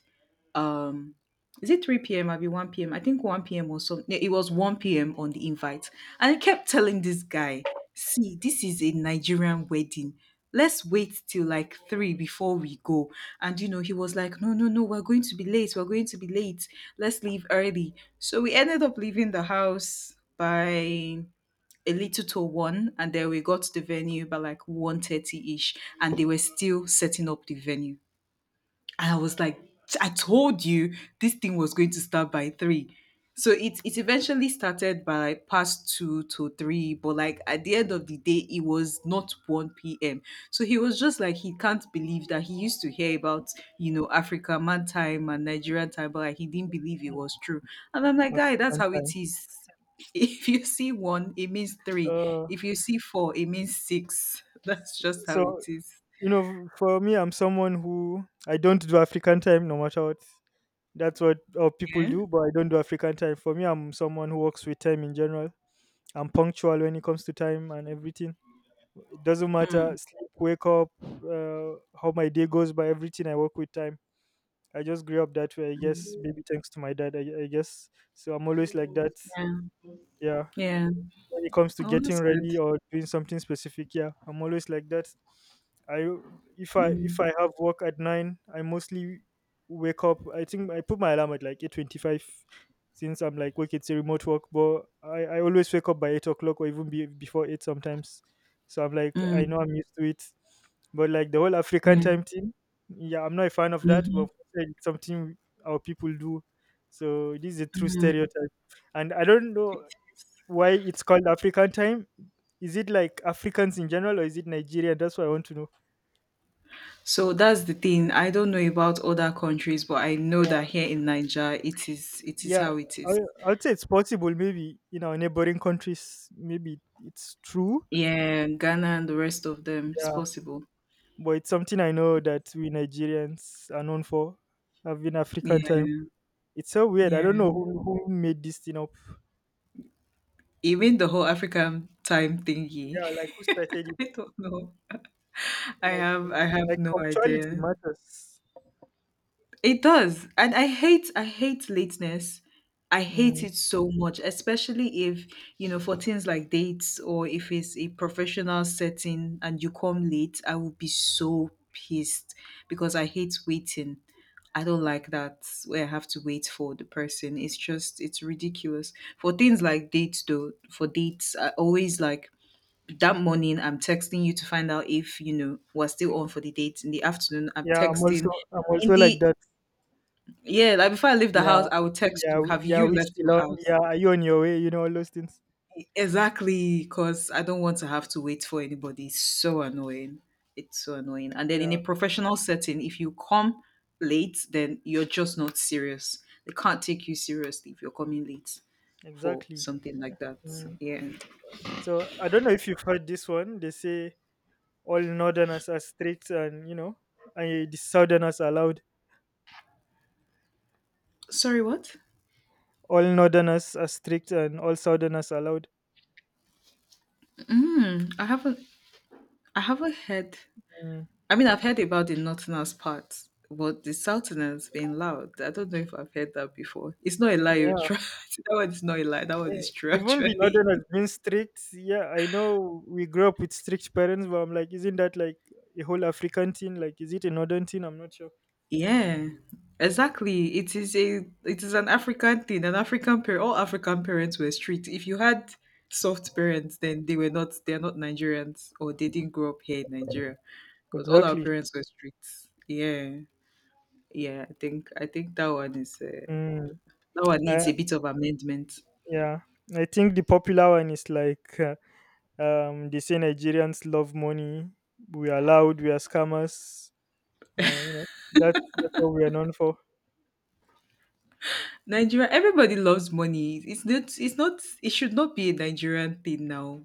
Speaker 1: um is it 3 p.m. I'll be 1 p.m. I think 1 p.m. or so. No, it was 1 p.m. on the invite. And I kept telling this guy, see, this is a Nigerian wedding. Let's wait till like three before we go. And you know, he was like, no, no, no, we're going to be late. We're going to be late. Let's leave early. So we ended up leaving the house by a little to one, and then we got to the venue by like 1:30 ish, and they were still setting up the venue. And I was like, I told you this thing was going to start by three. So it eventually started by like, past two to three, but like at the end of the day, it was not 1 p.m. So he was just like he can't believe that he used to hear about, you know, Africa man time and Nigerian time, but like he didn't believe it was true. And I'm like, guy, that's
Speaker 2: African
Speaker 1: how it
Speaker 2: time.
Speaker 1: is. If you see one, it means three.
Speaker 2: Uh,
Speaker 1: If you see four, it means six. That's
Speaker 2: s-
Speaker 1: just
Speaker 2: so
Speaker 1: how it is.
Speaker 2: For me, I'm someone who I don't do African time no matter what. That's what people
Speaker 1: Yeah.
Speaker 2: do, but I don't do African time. For me, I'm someone who works with time in general. I'm punctual when it comes to time and everything. It doesn't
Speaker 1: Mm,
Speaker 2: matter sleep, wake up, how my day goes by. Everything I work with time. I just grew up that way. I guess
Speaker 1: mm,
Speaker 2: maybe thanks to my dad. I guess so. I'm always like that.
Speaker 1: yeah.
Speaker 2: Yeah,
Speaker 1: Yeah.
Speaker 2: when it comes to
Speaker 1: Oh,
Speaker 2: getting
Speaker 1: that's good.
Speaker 2: ready or doing something specific. Yeah, I'm always like that. I if I if
Speaker 1: Mm,
Speaker 2: I have work at nine, I mostly wake up. I think I put my alarm at like 8:25, since I'm like work. It's a remote work, but I always wake up by 8 o'clock or even before eight sometimes. So I'm like I
Speaker 1: mm,
Speaker 2: know I'm used to it, but like the whole African
Speaker 1: yeah,
Speaker 2: time thing, yeah, I'm not a fan of that. But
Speaker 1: mhm,
Speaker 2: it's something our people do. So this is a true
Speaker 1: mm.
Speaker 2: stereotype, and I don't know why it's called African time. Is it like Africans in general, or is it Nigeria? That's what I want to know.
Speaker 1: So that's the thing. I don't know about other countries, but I know that
Speaker 2: Yeah,
Speaker 1: here in Niger, it is, it is
Speaker 2: yeah.
Speaker 1: how it
Speaker 2: I,
Speaker 1: is.
Speaker 2: I would say it's possible, maybe in our neighboring countries, maybe it's true.
Speaker 1: Yeah, Ghana and the rest of them, it's
Speaker 2: Yeah,
Speaker 1: possible.
Speaker 2: but it's something I know that we Nigerians are known for having African
Speaker 1: Yeah,
Speaker 2: time. It's so weird. I
Speaker 1: yeah.
Speaker 2: don't know who made this thing up.
Speaker 1: Even the whole African time
Speaker 2: Yeah,
Speaker 1: thingy.
Speaker 2: like who started it?
Speaker 1: I don't know. I
Speaker 2: Like,
Speaker 1: have, I have
Speaker 2: like
Speaker 1: no
Speaker 2: punctuality
Speaker 1: idea.
Speaker 2: matters.
Speaker 1: It does. And I hate lateness. I hate
Speaker 2: Mm.
Speaker 1: it so much, especially if, you know, for things like dates or if it's a professional setting and you come late, I will be so pissed because I hate waiting. I don't like that where I have to wait for the person. It's just, it's ridiculous. For things like dates though, for dates, I always like that morning I'm texting you to find out if, you know, we're still on for the date. In the afternoon, I'm
Speaker 2: Yeah,
Speaker 1: texting
Speaker 2: I'm
Speaker 1: in
Speaker 2: also like
Speaker 1: the,
Speaker 2: that.
Speaker 1: yeah, like before I leave the
Speaker 2: Yeah.
Speaker 1: house, I will text you. Have
Speaker 2: Yeah,
Speaker 1: you
Speaker 2: we
Speaker 1: left
Speaker 2: still
Speaker 1: your
Speaker 2: on.
Speaker 1: house?
Speaker 2: Yeah, are you on your way? All those things.
Speaker 1: Exactly, because I don't want to have to wait for anybody. It's so annoying. It's so annoying. And then in a
Speaker 2: Yeah,
Speaker 1: professional setting, if you come late, then you're just not serious. They can't take you seriously if you're coming late for
Speaker 2: exactly.
Speaker 1: something like that.
Speaker 2: Mm.
Speaker 1: Yeah.
Speaker 2: So I don't know if you've heard this one. They say all northerners are strict and, and the southerners are loud.
Speaker 1: Sorry, what?
Speaker 2: All northerners are strict and all southerners are loud.
Speaker 1: Hmm, I haven't heard,
Speaker 2: Mm.
Speaker 1: I mean, I've heard about the Northerners part, but the Southerners being loud, I don't know if I've heard that before. It's not a lie. Oh,
Speaker 2: Yeah.
Speaker 1: true. That one is not a lie. That one
Speaker 2: eh,
Speaker 1: is true,
Speaker 2: Even the
Speaker 1: actually.
Speaker 2: northerners being strict. Yeah, I know we grew up with strict parents, but I'm like, isn't that like a whole African thing? Like, is it a northern thing? I'm not sure.
Speaker 1: Yeah, exactly. It is a, it is an African thing. An African parent, all African parents were strict. If you had soft parents, then they were not. They are not Nigerians, or they didn't grow up here in Nigeria, because all our
Speaker 2: Exactly.
Speaker 1: parents were strict. Yeah, yeah. I think that one is
Speaker 2: Mm.
Speaker 1: that one
Speaker 2: I,
Speaker 1: needs a bit of amendment.
Speaker 2: Yeah, I think the popular one is like they say Nigerians love money. We are loud. We are scammers. Uh, you know that that's what we are known for.
Speaker 1: Nigeria, everybody loves money. It's not. It's not. It should not be a Nigerian thing now.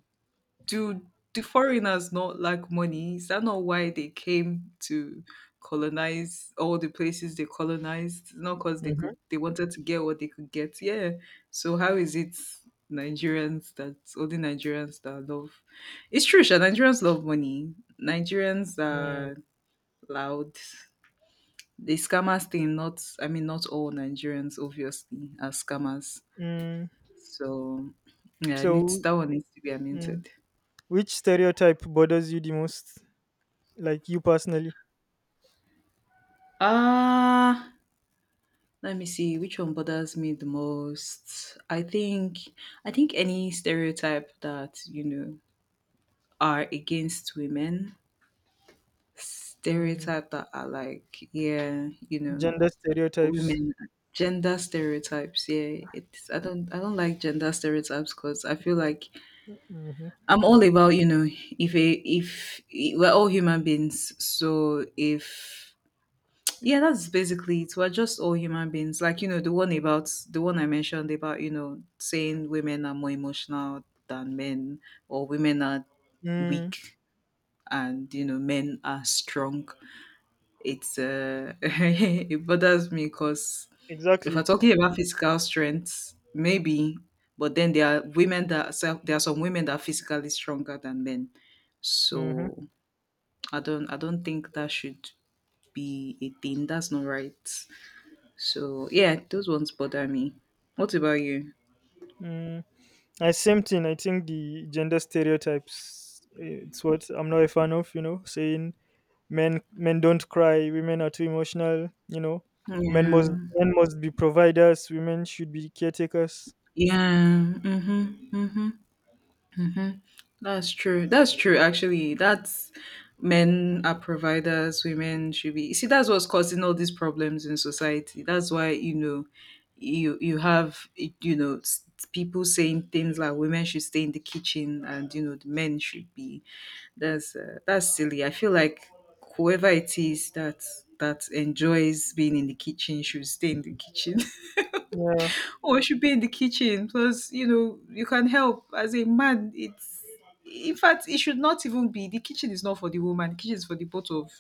Speaker 1: Do do foreigners not like money? Is that not why they came to colonize all the places they colonized? Not because they
Speaker 2: Mm-hmm.
Speaker 1: could. They wanted to get what they could get. Yeah. So how is it Nigerians that only Nigerians that love? It's true. Sha, Nigerians love money. Nigerians
Speaker 2: Mm,
Speaker 1: are loud. The scammers thing. Not. Not all Nigerians obviously are scammers
Speaker 2: mm.
Speaker 1: so yeah, I need
Speaker 2: So,
Speaker 1: that one needs to be
Speaker 2: mm,
Speaker 1: amended.
Speaker 2: which stereotype bothers you the most? Like you personally,
Speaker 1: Ah, Let me see which one bothers me the most. I think any stereotype that are against women,
Speaker 2: mm,
Speaker 1: stereotype that are like yeah,
Speaker 2: gender stereotypes.
Speaker 1: women gender stereotypes. Yeah, it's I don't like gender stereotypes because I feel like
Speaker 2: Mm-hmm.
Speaker 1: I'm all about if we're all human beings, so if yeah, that's basically it. We're just all human beings. The one about the one I mentioned about, saying women are more emotional than men or women are
Speaker 2: Mm,
Speaker 1: weak and, men are strong. It's it bothers me because if we're
Speaker 2: exactly.
Speaker 1: talking about physical strength, maybe, but then there are some women that are physically stronger than men.
Speaker 2: Mm-hmm.
Speaker 1: So I don't think that should be a thing. That's not right. So yeah, those ones bother me. What about you?
Speaker 2: Mm. I same thing. I think the gender stereotypes. It's what I'm not a fan of. You know, saying men don't cry, women are too emotional, men must
Speaker 1: Yeah.
Speaker 2: men must be providers, women should be caretakers,
Speaker 1: Yeah. Mm-hmm. Mm-hmm. Mm-hmm. That's true. That's true. Actually, that's men are providers, women should be. You see, that's what's causing all these problems in society. That's why you have people saying things like women should stay in the kitchen and you know the men should be. That's silly. I feel like whoever it is that enjoys being in the kitchen should stay in the kitchen
Speaker 2: yeah,
Speaker 1: or you should be in the kitchen. Plus, you know, you can help as a man. It's in fact, it should not even be the kitchen is not for the woman. The kitchen is for the both of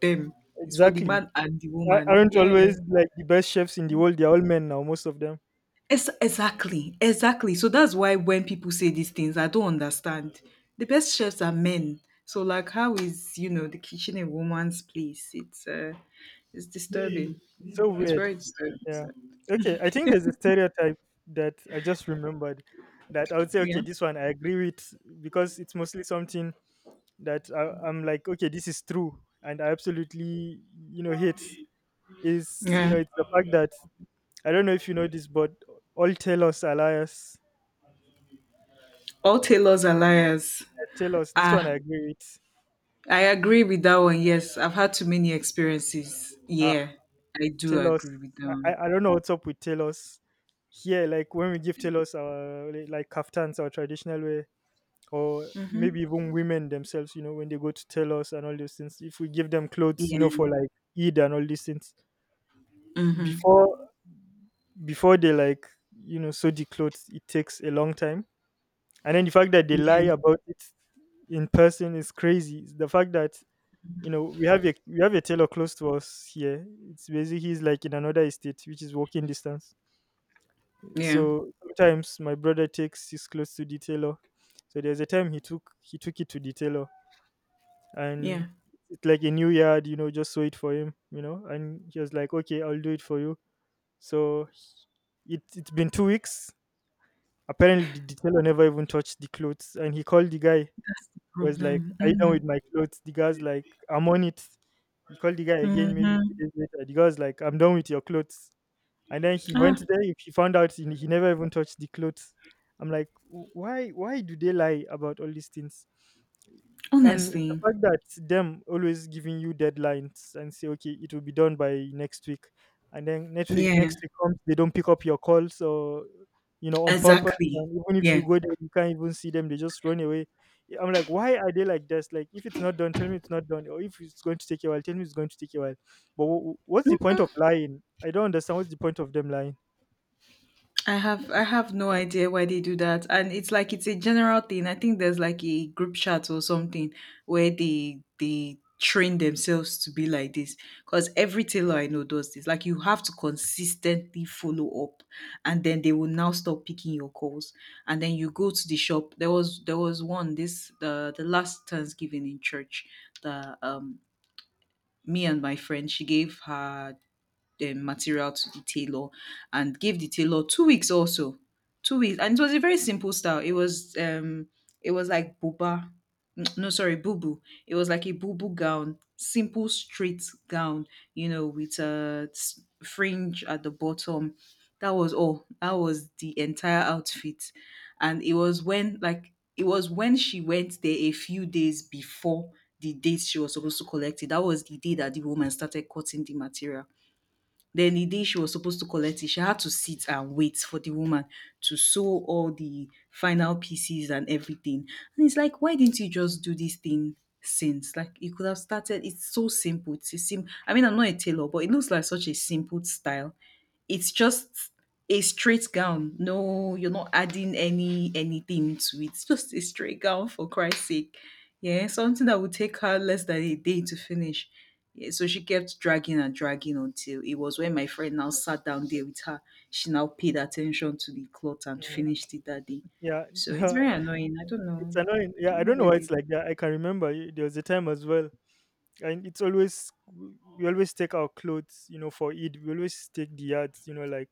Speaker 1: them. It's for the
Speaker 2: exactly.
Speaker 1: man and the
Speaker 2: A-
Speaker 1: woman.
Speaker 2: aren't
Speaker 1: Yeah.
Speaker 2: always like the best chefs in the world they're all men now, most of them.
Speaker 1: Exactly. Exactly. So that's why when people say these things, I don't understand. The best chefs are men. So like how is, you know, the kitchen a woman's place? It's disturbing.
Speaker 2: It's so
Speaker 1: It's
Speaker 2: weird.
Speaker 1: very disturbing.
Speaker 2: Yeah,
Speaker 1: So,
Speaker 2: okay, I think there's a stereotype that I just remembered that I would say okay,
Speaker 1: yeah.
Speaker 2: this one I agree with because it's mostly something that I'm like okay, this is true and I absolutely, hate, is
Speaker 1: Yeah.
Speaker 2: it's the fact that I don't know if you know this, but all Talos are liars.
Speaker 1: All tailors are liars.
Speaker 2: Talos, this one I
Speaker 1: Ah,
Speaker 2: agree with.
Speaker 1: I agree with that one. Yes, I've had too many experiences.
Speaker 2: Ah,
Speaker 1: Yeah, I do
Speaker 2: Talos.
Speaker 1: agree with that one.
Speaker 2: I don't know what's up with Talos. Here, like when we give Talos our like kaftans, our traditional way, or maybe even women themselves, you know, when they go to Talos and all those things, if we give them clothes, you
Speaker 1: Yeah.
Speaker 2: know, for like Eid and all these things,
Speaker 1: Mm-hmm.
Speaker 2: before before they like, you know, sew the clothes, it takes a long time, and then the fact that they lie
Speaker 1: Yeah.
Speaker 2: about it in person is crazy. The fact that, you know, we have a tailor close to us here. It's basically he's like in another estate, which is walking distance,
Speaker 1: Yeah.
Speaker 2: so sometimes my brother takes his clothes to the tailor. So there's a time he took it to the tailor, and
Speaker 1: Yeah.
Speaker 2: it's like a new yard, you know, just sew it for him, you know, and he was like, okay, I'll do it for you. So it's been 2 weeks. Apparently the tailor never even touched the clothes, and he called the guy.
Speaker 1: That's the
Speaker 2: It was like,
Speaker 1: problem.
Speaker 2: "Are you done
Speaker 1: Mm-hmm.
Speaker 2: with my clothes?" The guy's like, "I'm on it." He called the guy again maybe a few
Speaker 1: Mm-hmm.
Speaker 2: days later. The guy's like, "I'm done with your clothes." And then he
Speaker 1: Ah,
Speaker 2: went there. If he found out he never even touched the clothes. I'm like, why? Why do they lie about all these things? And it's the
Speaker 1: honestly.
Speaker 2: fact that them always giving you deadlines and say, okay, it will be done by next week, and then
Speaker 1: Yeah.
Speaker 2: next week comes, they don't pick up your calls or, you know, on purpose.
Speaker 1: Exactly.
Speaker 2: And even if you
Speaker 1: Yeah.
Speaker 2: go there, you can't even see them. They just run away." Yeah, I'm like, why are they like this? Like, if it's not done, tell me it's not done, or if it's going to take a while, tell me it's going to take a while. But what's the point of
Speaker 1: Mm-hmm.
Speaker 2: lying? I don't understand what's the point of them lying.
Speaker 1: I have no idea why they do that. And it's like it's a general thing. I think there's like a group chat or something where they train themselves to be like this. Because every tailor I know does this. Like you have to consistently follow up and then they will now stop picking your calls. And then you go to the shop. There was one this the last Thanksgiving in church that me and my friend she gave her the material to the tailor and gave the tailor 2 weeks also 2 weeks and it was a very simple style it was like boba no sorry boo. It was like a boo gown, simple straight gown, you know, with a fringe at the bottom. That was all. That was the entire outfit. And it was when like it was when she went there a few days before the date she was supposed to collect it, that was the day that the woman started cutting the material. Then the day she was supposed to collect it, she had to sit and wait for the woman to sew all the final pieces and everything. And it's like, why didn't you just do this thing since? Like, you could have started. It's so simple. It's a sim. I mean, I'm not a tailor, but it looks like such a simple style. It's just a straight gown. No, you're not adding anything to it. It's just a straight gown for Christ's sake. Yeah, something that would take her less than a day to finish. Yeah, so she kept dragging and dragging until it was when my friend now sat down there with her. She now paid attention to the cloth and
Speaker 2: Mm,
Speaker 1: finished it that day.
Speaker 2: yeah.
Speaker 1: So it's very annoying. I don't
Speaker 2: It's
Speaker 1: know.
Speaker 2: annoying.
Speaker 1: I
Speaker 2: Yeah, I
Speaker 1: don't know
Speaker 2: don't know
Speaker 1: what
Speaker 2: why
Speaker 1: they
Speaker 2: it's
Speaker 1: do.
Speaker 2: like that. I can remember y- there was a time as well, and it's always we always take our clothes, you know, for Eid. We always take the yards, you know, like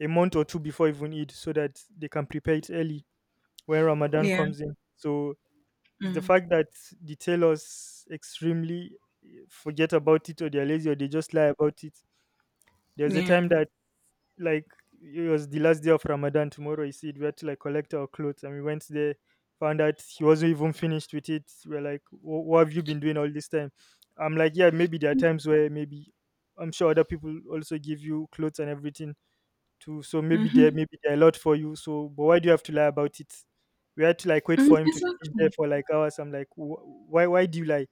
Speaker 2: a month or two before even Eid, so that they can prepare it early when Ramadan
Speaker 1: Yeah.
Speaker 2: comes in. So it's the
Speaker 1: Mm,
Speaker 2: fact that the tailors extremely forget about it, or they're lazy, or they just lie about it. There's a
Speaker 1: yeah.
Speaker 2: time that like it was the last day of Ramadan. Tomorrow is Eid. We had to like collect our clothes, and we went there. Found out he wasn't even finished with it. We're like, what have you been doing all this time?" I'm like, "Yeah, maybe there are times where maybe I'm sure other people also give you clothes and everything too. So
Speaker 1: Mm-hmm.
Speaker 2: maybe there are a lot for you. So, but why do you have to lie about it?" We had to like wait
Speaker 1: Mm,
Speaker 2: for him to finish there
Speaker 1: exactly.
Speaker 2: for like hours. I'm like, why? Why do you lie?"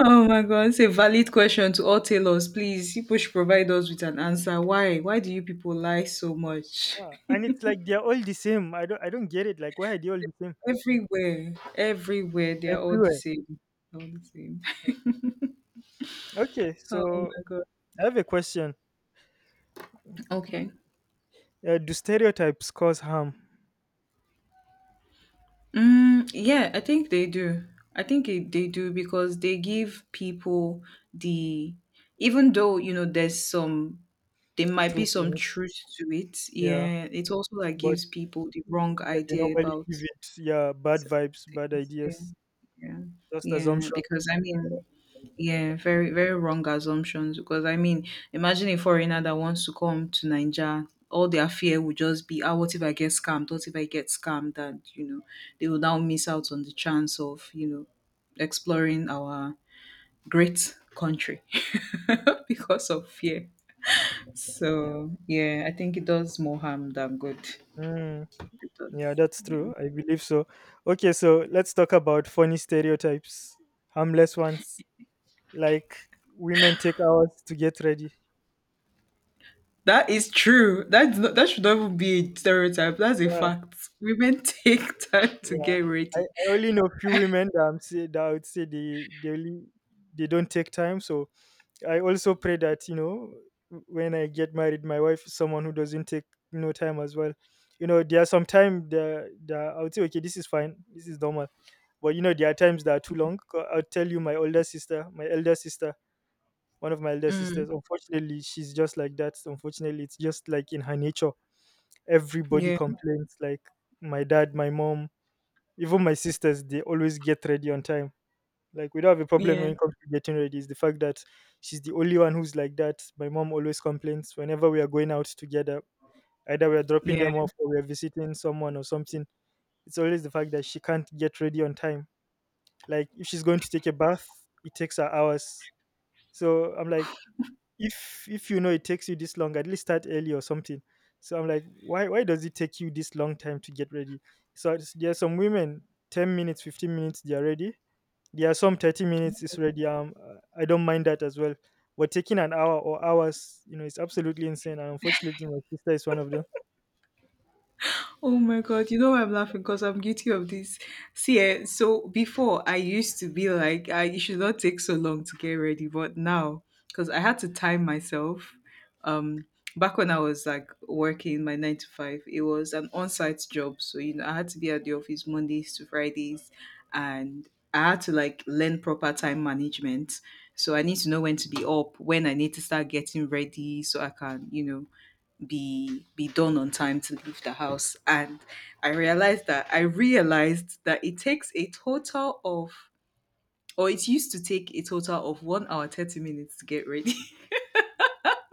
Speaker 1: Oh my God, it's a valid question to all tailors. Please, people should provide us with an answer. Why? Why do you people lie so much?
Speaker 2: Yeah, and it's like they're all the same. I don't get it. Like, why are they all the same
Speaker 1: Everywhere, everywhere, they're all the
Speaker 2: everywhere?
Speaker 1: same. All the same.
Speaker 2: Okay,
Speaker 1: Oh
Speaker 2: so
Speaker 1: my god.
Speaker 2: I have a question.
Speaker 1: Okay.
Speaker 2: Do stereotypes cause harm?
Speaker 1: Mm, yeah, I think they do. I think they do because they give people the, even though, you know, there might be
Speaker 2: Truth in
Speaker 1: some
Speaker 2: it.
Speaker 1: truth to it.
Speaker 2: Yeah.
Speaker 1: Yeah, it also like
Speaker 2: But
Speaker 1: gives people the
Speaker 2: yeah,
Speaker 1: wrong
Speaker 2: they
Speaker 1: idea
Speaker 2: normally
Speaker 1: about
Speaker 2: give it yeah bad
Speaker 1: certain
Speaker 2: vibes, bad
Speaker 1: things. Yeah,
Speaker 2: ideas,
Speaker 1: yeah,
Speaker 2: just
Speaker 1: yeah.
Speaker 2: assumption.
Speaker 1: Because I mean, yeah, very, very wrong assumptions. Because I mean, imagine a foreigner that wants to come to Nigeria, all their fear would just be, ah, what if I get scammed? What if I get scammed? And you know, they will now miss out on the chance of exploring our great country because of fear.
Speaker 2: Yeah.
Speaker 1: So yeah, I think it does more harm than good.
Speaker 2: Mm,
Speaker 1: It
Speaker 2: yeah,
Speaker 1: does.
Speaker 2: that's
Speaker 1: Yeah.
Speaker 2: true. I believe so. Okay, so let's talk about funny stereotypes, harmless ones. Like women take hours to get ready.
Speaker 1: That is true. That's not, that should not even be a stereotype. That's a
Speaker 2: Yeah,
Speaker 1: fact. Women take time to
Speaker 2: yeah.
Speaker 1: get ready.
Speaker 2: I only know few women that I would say they only they don't take time, so I also pray that, you know, when I get married, my wife is someone who doesn't take no time as well. You know, there are some time the I would say okay, this is fine, this is normal. But you know, there are times that are too long. I'll tell you, my elder sister, one of my elder sisters. Unfortunately, she's just like that. Unfortunately, it's just like in her nature. Everybody
Speaker 1: Yeah,
Speaker 2: complains. Like my dad, my mom, even my sisters, they always get ready on time, like we don't have a problem when
Speaker 1: yeah,
Speaker 2: it comes to getting ready. It's the fact that she's the only one who's like that. My mom always complains whenever we are going out together. Either we are dropping
Speaker 1: yeah.
Speaker 2: them off or we are visiting someone or something. It's always the fact that she can't get ready on time. Like if she's going to take a bath, it takes her hours. So I'm like, if you know it takes you this long, at least start early or something. So I'm like, why does it take you this long time to get ready? There are some women, 10 minutes, 15 minutes, they are ready. There are some 30 minutes is already I don't mind that as well, but taking an hour or hours, you know, it's absolutely insane, and unfortunately my sister is one of them.
Speaker 1: Oh my God, you know why I'm laughing? Because I'm guilty of this. See, so before I used to be like, it should not take so long to get ready. But now, because I had to time myself, um, back when I was like working my nine to five, it was an on site job. So, you know, I had to be at the office Mondays to Fridays and I had to like learn proper time management. So I need to know when to be up, when I need to start getting ready so I can, you know, be done on time to leave the house. And I realized that it takes a total of or it used to take a total of 1 hour 30 minutes to get ready.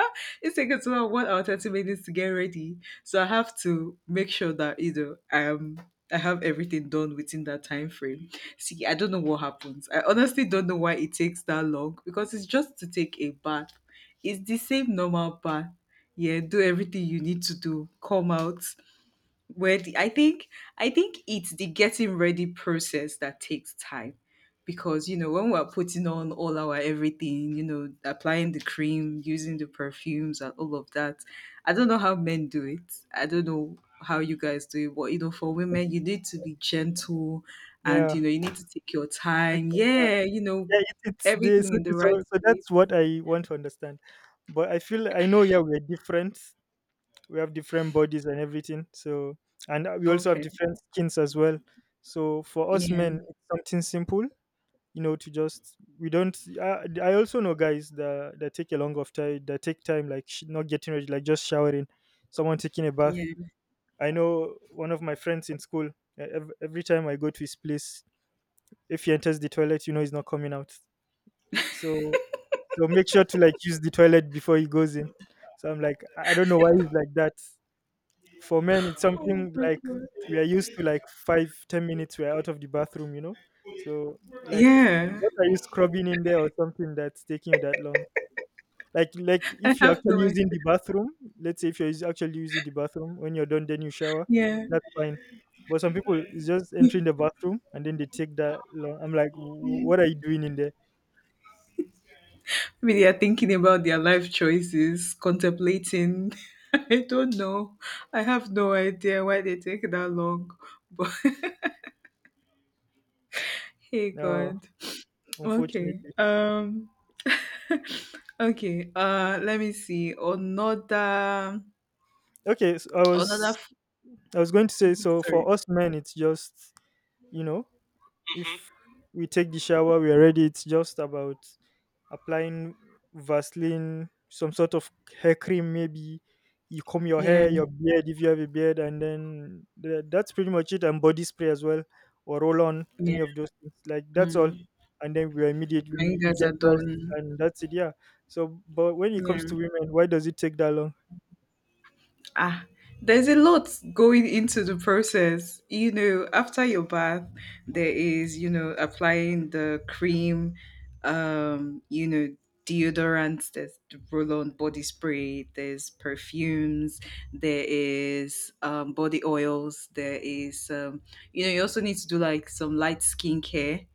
Speaker 1: It takes a total of 1 hour 30 minutes to get ready, so I have to make sure that, you know, I have everything done within that time frame. See, I don't know what happens. I honestly don't know why it takes that long, because it's just to take a bath. It's the same normal bath, yeah, do everything you need to do, come out, where the, I think I think it's the getting ready process that takes time, because you know when we're putting on all our everything, you know, applying the cream, using the perfumes and all of that. I don't know how men do it. I don't know how you guys do it, but you know, for women, you need to be gentle, and
Speaker 2: Yeah,
Speaker 1: you know, you need to take your time,
Speaker 2: okay.
Speaker 1: yeah, you know,
Speaker 2: Yeah, it's this.
Speaker 1: everything
Speaker 2: so,
Speaker 1: in the right
Speaker 2: so so
Speaker 1: place.
Speaker 2: that's what I want to understand. But I feel, I know, yeah, we're different. We have different bodies and everything, so and we also have
Speaker 1: Okay.
Speaker 2: different skins as well. So for us men,
Speaker 1: yeah
Speaker 2: it's something simple, you know, to just, we don't I also know guys that take a long of time, that take time, like not getting ready, like just showering, someone taking a bath.
Speaker 1: yeah
Speaker 2: I know one of my friends in school, every time I go to his place, if he enters the toilet, you know, he's not coming out. So so make sure to like use the toilet before he goes in. So I'm like, I don't know why he's like that. For men, it's something like we are used to like five, 10 minutes, we're out of the bathroom, you know? So like
Speaker 1: yeah
Speaker 2: what are you scrubbing in there or something that's taking you that long? Like
Speaker 1: I
Speaker 2: if you're
Speaker 1: have no
Speaker 2: actually
Speaker 1: idea.
Speaker 2: using the bathroom, let's say if you're actually using the bathroom, when you're done then you shower,
Speaker 1: Yeah.
Speaker 2: that's fine. But some people is just entering the bathroom and then they take that long. I'm like, what are you doing in there?"
Speaker 1: Maybe they are thinking about their life choices, contemplating. I don't know. I have no idea why they take that long. But hey
Speaker 2: No,
Speaker 1: God. Okay.
Speaker 2: unfortunately.
Speaker 1: Okay. Let me see.
Speaker 2: Okay, so
Speaker 1: Another f-
Speaker 2: I was going to say, so
Speaker 1: Sorry.
Speaker 2: for us men, it's just, you know, if we take the shower, we are ready. It's just about applying Vaseline, some sort of hair cream, maybe. You comb your
Speaker 1: Yeah,
Speaker 2: hair, your beard, if you have a beard, and then that's pretty much it. And body spray as well, or roll on,
Speaker 1: yeah.
Speaker 2: any of those things. Like, that's all.
Speaker 1: Mm.
Speaker 2: And then we are immediate.
Speaker 1: My
Speaker 2: You
Speaker 1: guys
Speaker 2: get
Speaker 1: are
Speaker 2: dressed,
Speaker 1: done.
Speaker 2: and that's it. Yeah. So, but when it comes
Speaker 1: Yeah.
Speaker 2: to women, why does it take that long?
Speaker 1: ah there's a lot going into the process, you know. After your bath, there is, you know, applying the cream, um you know deodorants, there's the roll-on body spray, there's perfumes, there is body oils, there is you know, you also need to do like some light skincare.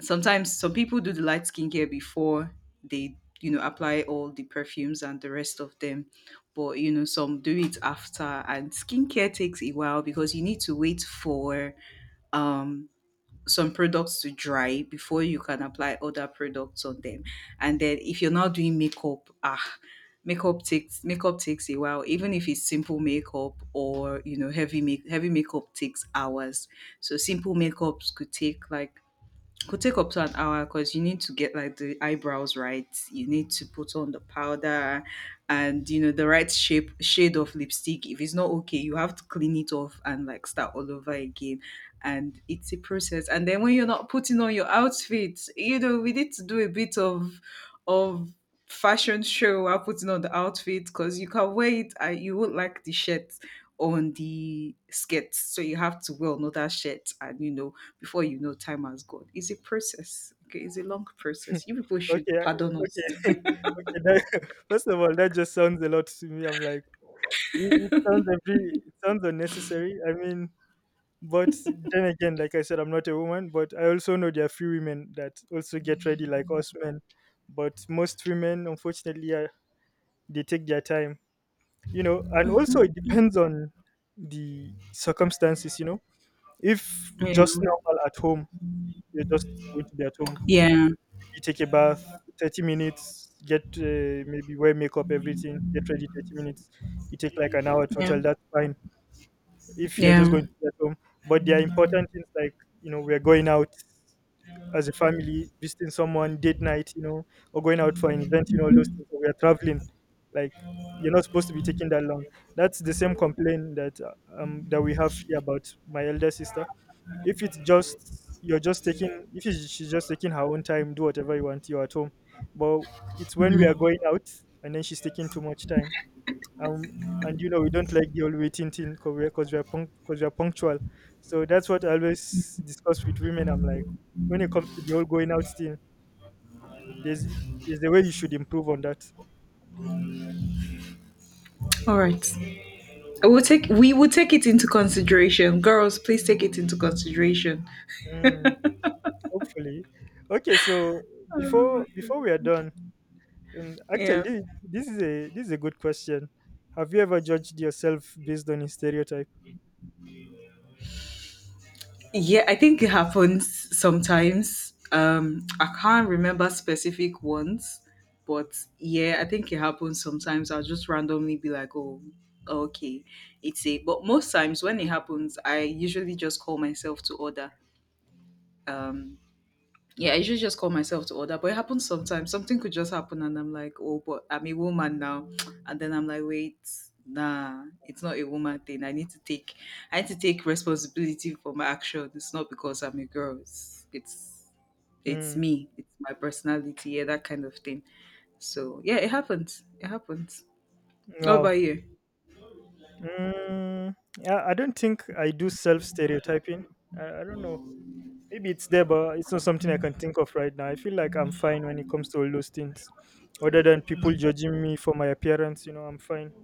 Speaker 1: Sometimes some people do the light skincare before they, you know, apply all the perfumes and the rest of them, but you know, some do it after. And skincare takes a while because you need to wait for um some products to dry before you can apply other products on them. And then if you're not doing makeup, makeup takes a while. Even if it's simple makeup, or you know, heavy makeup takes hours. So simple makeups could take up to an hour, because you need to get like the eyebrows right, you need to put on the powder, and you know, the right shape shade of lipstick. If it's not okay, you have to clean it off and like start all over again. And it's a process. And then when you're not putting on your outfit, you know, we need to do a bit of of fashion show while putting on the outfit, because you can wear it and you won't like the shirt on the skits. So you have to wear another shirt, and you know, before you know, time has gone. It's a process. Okay, it's a long
Speaker 2: Okay,
Speaker 1: process. You people should
Speaker 2: I-
Speaker 1: pardon
Speaker 2: okay,
Speaker 1: us.
Speaker 2: okay. That, first of all, that just sounds a lot to me. I'm like, it sounds a bit, it sounds unnecessary. I mean, but then again, like I said, I'm not a woman, but I also know there are few women that also get ready like us men. But most women, unfortunately, are, they take their time, you know. And also, it
Speaker 1: Hmm.
Speaker 2: depends on the circumstances, you know. If
Speaker 1: Yeah,
Speaker 2: just normal at home, you're just going to be at home.
Speaker 1: yeah,
Speaker 2: You take a bath, 30 minutes, get maybe wear makeup, everything, get ready 30 minutes. You take like an hour
Speaker 1: yeah,
Speaker 2: total, that's fine if you're just
Speaker 1: yeah.
Speaker 2: going to be at home. But there are important things like, you know, we're going out as a family, visiting someone, date night, you know, or going out for an event, you know, all those things. Or we're traveling. Like, you're not supposed to be taking that long. That's the same complaint that that we have here about my elder sister. If it's just you're just taking, if it's- she's just taking her own time, do whatever you want, you're at home. But it's when we are
Speaker 1: Mhm.
Speaker 2: going out and then she's taking too much time, um and you know we don't like the all waiting thing because we're 'cause we're punctual. So that's what I always discuss with women. I'm like, when it comes to the whole going out thing, there's there's the way you should improve on that.
Speaker 1: All right. I will take. We will take it into consideration, girls. Please take it into consideration.
Speaker 2: Mm, hopefully. Okay, so before
Speaker 1: Um,
Speaker 2: before we are done, actually
Speaker 1: Yeah.
Speaker 2: this is a good question. Have you ever judged yourself based on a stereotype?
Speaker 1: Yeah, I think it happens sometimes. I can't remember specific ones, but yeah, I think it happens sometimes. I'll just randomly be like, oh, okay, it's a. But most times when it happens, I usually just call myself to order. Um, yeah, I usually just call myself to order, but it happens sometimes. Something could just happen, and I'm like, oh, but I'm a woman now, and then I'm like, wait, nah, it's not a woman thing. I need to take responsibility for my action. It's not because I'm a girl. It's
Speaker 2: Mm,
Speaker 1: me. It's my personality. Yeah, that kind of thing. So yeah, it happens. It happens. What
Speaker 2: wow.
Speaker 1: about you?
Speaker 2: Mm, yeah, I don't think I do self stereotyping. I don't know. Maybe it's there, but it's not something I can think of right now. I feel like I'm fine when it comes to all those things. Other than people judging me for my appearance, you know, I'm fine.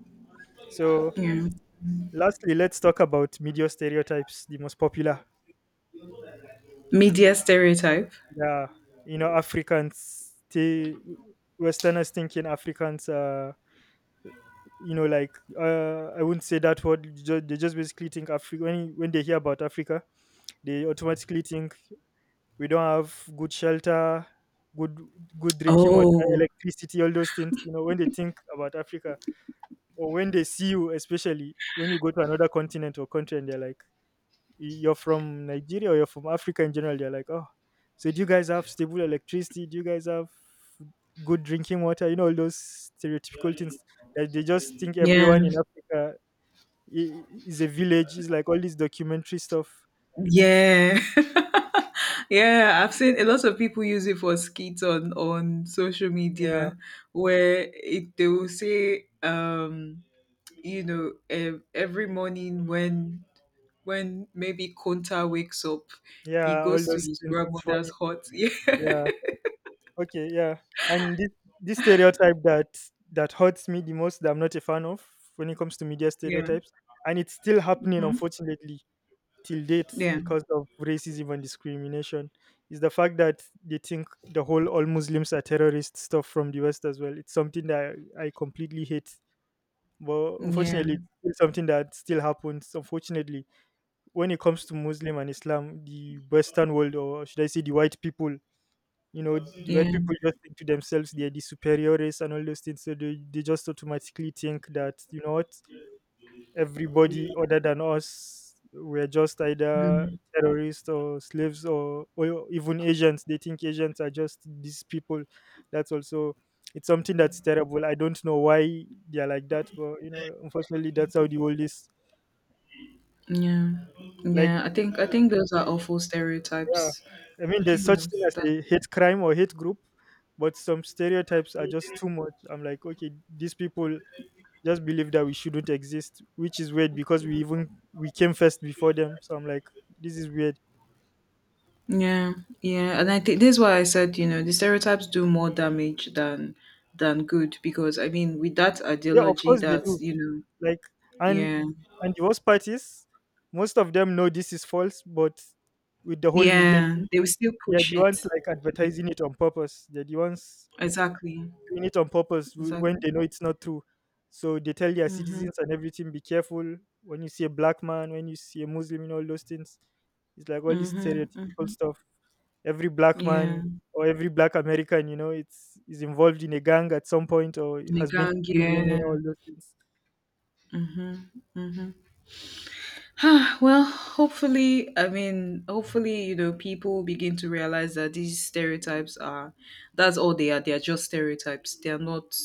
Speaker 2: So,
Speaker 1: Yeah,
Speaker 2: lastly, let's talk about media stereotypes, the most popular.
Speaker 1: media stereotype.
Speaker 2: Yeah, you know, Africans, they, Westerners thinking Africans are, you know, like, I wouldn't say that word. They just basically think Africa, when they hear about Africa, they automatically think we don't have good shelter, good good drinking water,
Speaker 1: Oh,
Speaker 2: electricity, all those things. You know, when they think about Africa, or when they see you, especially when you go to another continent or country, and they're like, You're from Nigeria, or you're from Africa in general," they're like, "Oh, so do you guys have stable electricity? Do you guys have good drinking water?" You know, all those stereotypical things that they just think
Speaker 1: yeah.
Speaker 2: everyone in Africa is a village. It's like all this documentary stuff.
Speaker 1: Yeah. Yeah, I've seen a lot of people use it for skits on social
Speaker 2: Yeah,
Speaker 1: media where they will say you know, every morning when maybe Konta wakes up, he
Speaker 2: yeah, all
Speaker 1: goes to
Speaker 2: those
Speaker 1: his
Speaker 2: things. It's funny.
Speaker 1: grandmother's hut. Yeah.
Speaker 2: Yeah. Okay, yeah. And this stereotype that that hurts me the most, that I'm not a fan of when it comes to media
Speaker 1: Yeah.
Speaker 2: stereotypes, and it's still happening
Speaker 1: Mhm.
Speaker 2: unfortunately till date
Speaker 1: Yeah.
Speaker 2: because of racism and discrimination, is the fact that they think the whole all Muslims are terrorists stuff from the West as well. It's something that I completely hate. But unfortunately, it's
Speaker 1: Yeah.
Speaker 2: still something that still happens. Unfortunately, when it comes to Muslim and Islam, the Western world, or should I say, the white people, you know, the white
Speaker 1: Yeah.
Speaker 2: people just think to themselves they are the superiores and all those things. So they just automatically think that, you know what, everybody other than us were just either
Speaker 1: Mhm.
Speaker 2: terrorists or slaves, or even Asians. They think Asians are just these people. That's also it's something that's terrible. I don't know why they are like that, but you know, unfortunately that's how the world is.
Speaker 1: Yeah.
Speaker 2: Like,
Speaker 1: Yeah. I think those are awful
Speaker 2: yeah,
Speaker 1: stereotypes.
Speaker 2: I mean,
Speaker 1: I
Speaker 2: there's
Speaker 1: think
Speaker 2: such
Speaker 1: that's
Speaker 2: thing as a hate crime or hate group, but some stereotypes are just too much. I'm like, okay, these people just believe that we shouldn't exist, which is weird because we even we came first before them. So I'm like, this is weird.
Speaker 1: Yeah, yeah, and I think this is why I said, you know, the stereotypes do more damage than good, because I mean, with that
Speaker 2: Yeah, of
Speaker 1: ideology
Speaker 2: course they
Speaker 1: that
Speaker 2: do.
Speaker 1: you know,
Speaker 2: Like,
Speaker 1: yeah,
Speaker 2: and and the worst part is, most of them know this is false, but with the whole media
Speaker 1: yeah,
Speaker 2: thing,
Speaker 1: they will still
Speaker 2: they're
Speaker 1: push
Speaker 2: the ones
Speaker 1: it.
Speaker 2: like
Speaker 1: Yeah,
Speaker 2: advertising it on purpose. They're the ones
Speaker 1: exactly.
Speaker 2: doing it on purpose when
Speaker 1: Exactly.
Speaker 2: they know it's not true. So they tell their
Speaker 1: Mhm.
Speaker 2: citizens and everything, be careful when you see a black man, when you see a Muslim, and all those things. It's like all this
Speaker 1: Mhm.
Speaker 2: stereotypical
Speaker 1: Mhm.
Speaker 2: stuff. Every black
Speaker 1: Yeah.
Speaker 2: man or every black American, you know, it's is involved in a gang at some point or has been to
Speaker 1: Nigang,
Speaker 2: prison, you
Speaker 1: yeah.
Speaker 2: know, all those things.
Speaker 1: Mhm. Mhm. Well, hopefully, I mean, hopefully, you know, people begin to realize that these stereotypes are that's all they are. They are just stereotypes.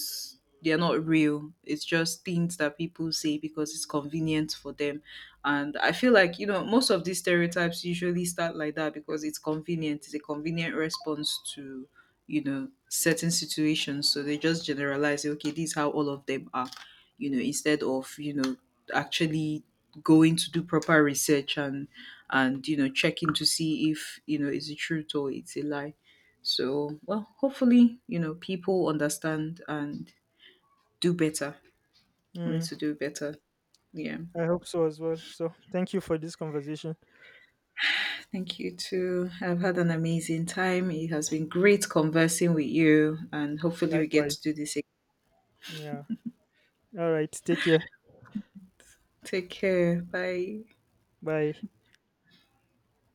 Speaker 1: They are not real. It's just things that people say because it's convenient for them. And I feel like, you know, most of these stereotypes usually start like that because it's convenient. It's a convenient response to, you know, certain situations. So they just generalize, okay, this is how all of them are, you know, instead of, you know, actually going to do proper research and you know checking to see if you know it's the truth or it's a lie. So well, hopefully, you know, people understand and do better. We need
Speaker 2: Mm,
Speaker 1: to do better. Yeah,
Speaker 2: I hope so as well. So thank you for this conversation.
Speaker 1: thank you too. I've had an amazing time. It has been great conversing with you, and hopefully we get to
Speaker 2: Likewise.
Speaker 1: do this again.
Speaker 2: Yeah. All right. Take care.
Speaker 1: Take care. Bye.
Speaker 2: Bye.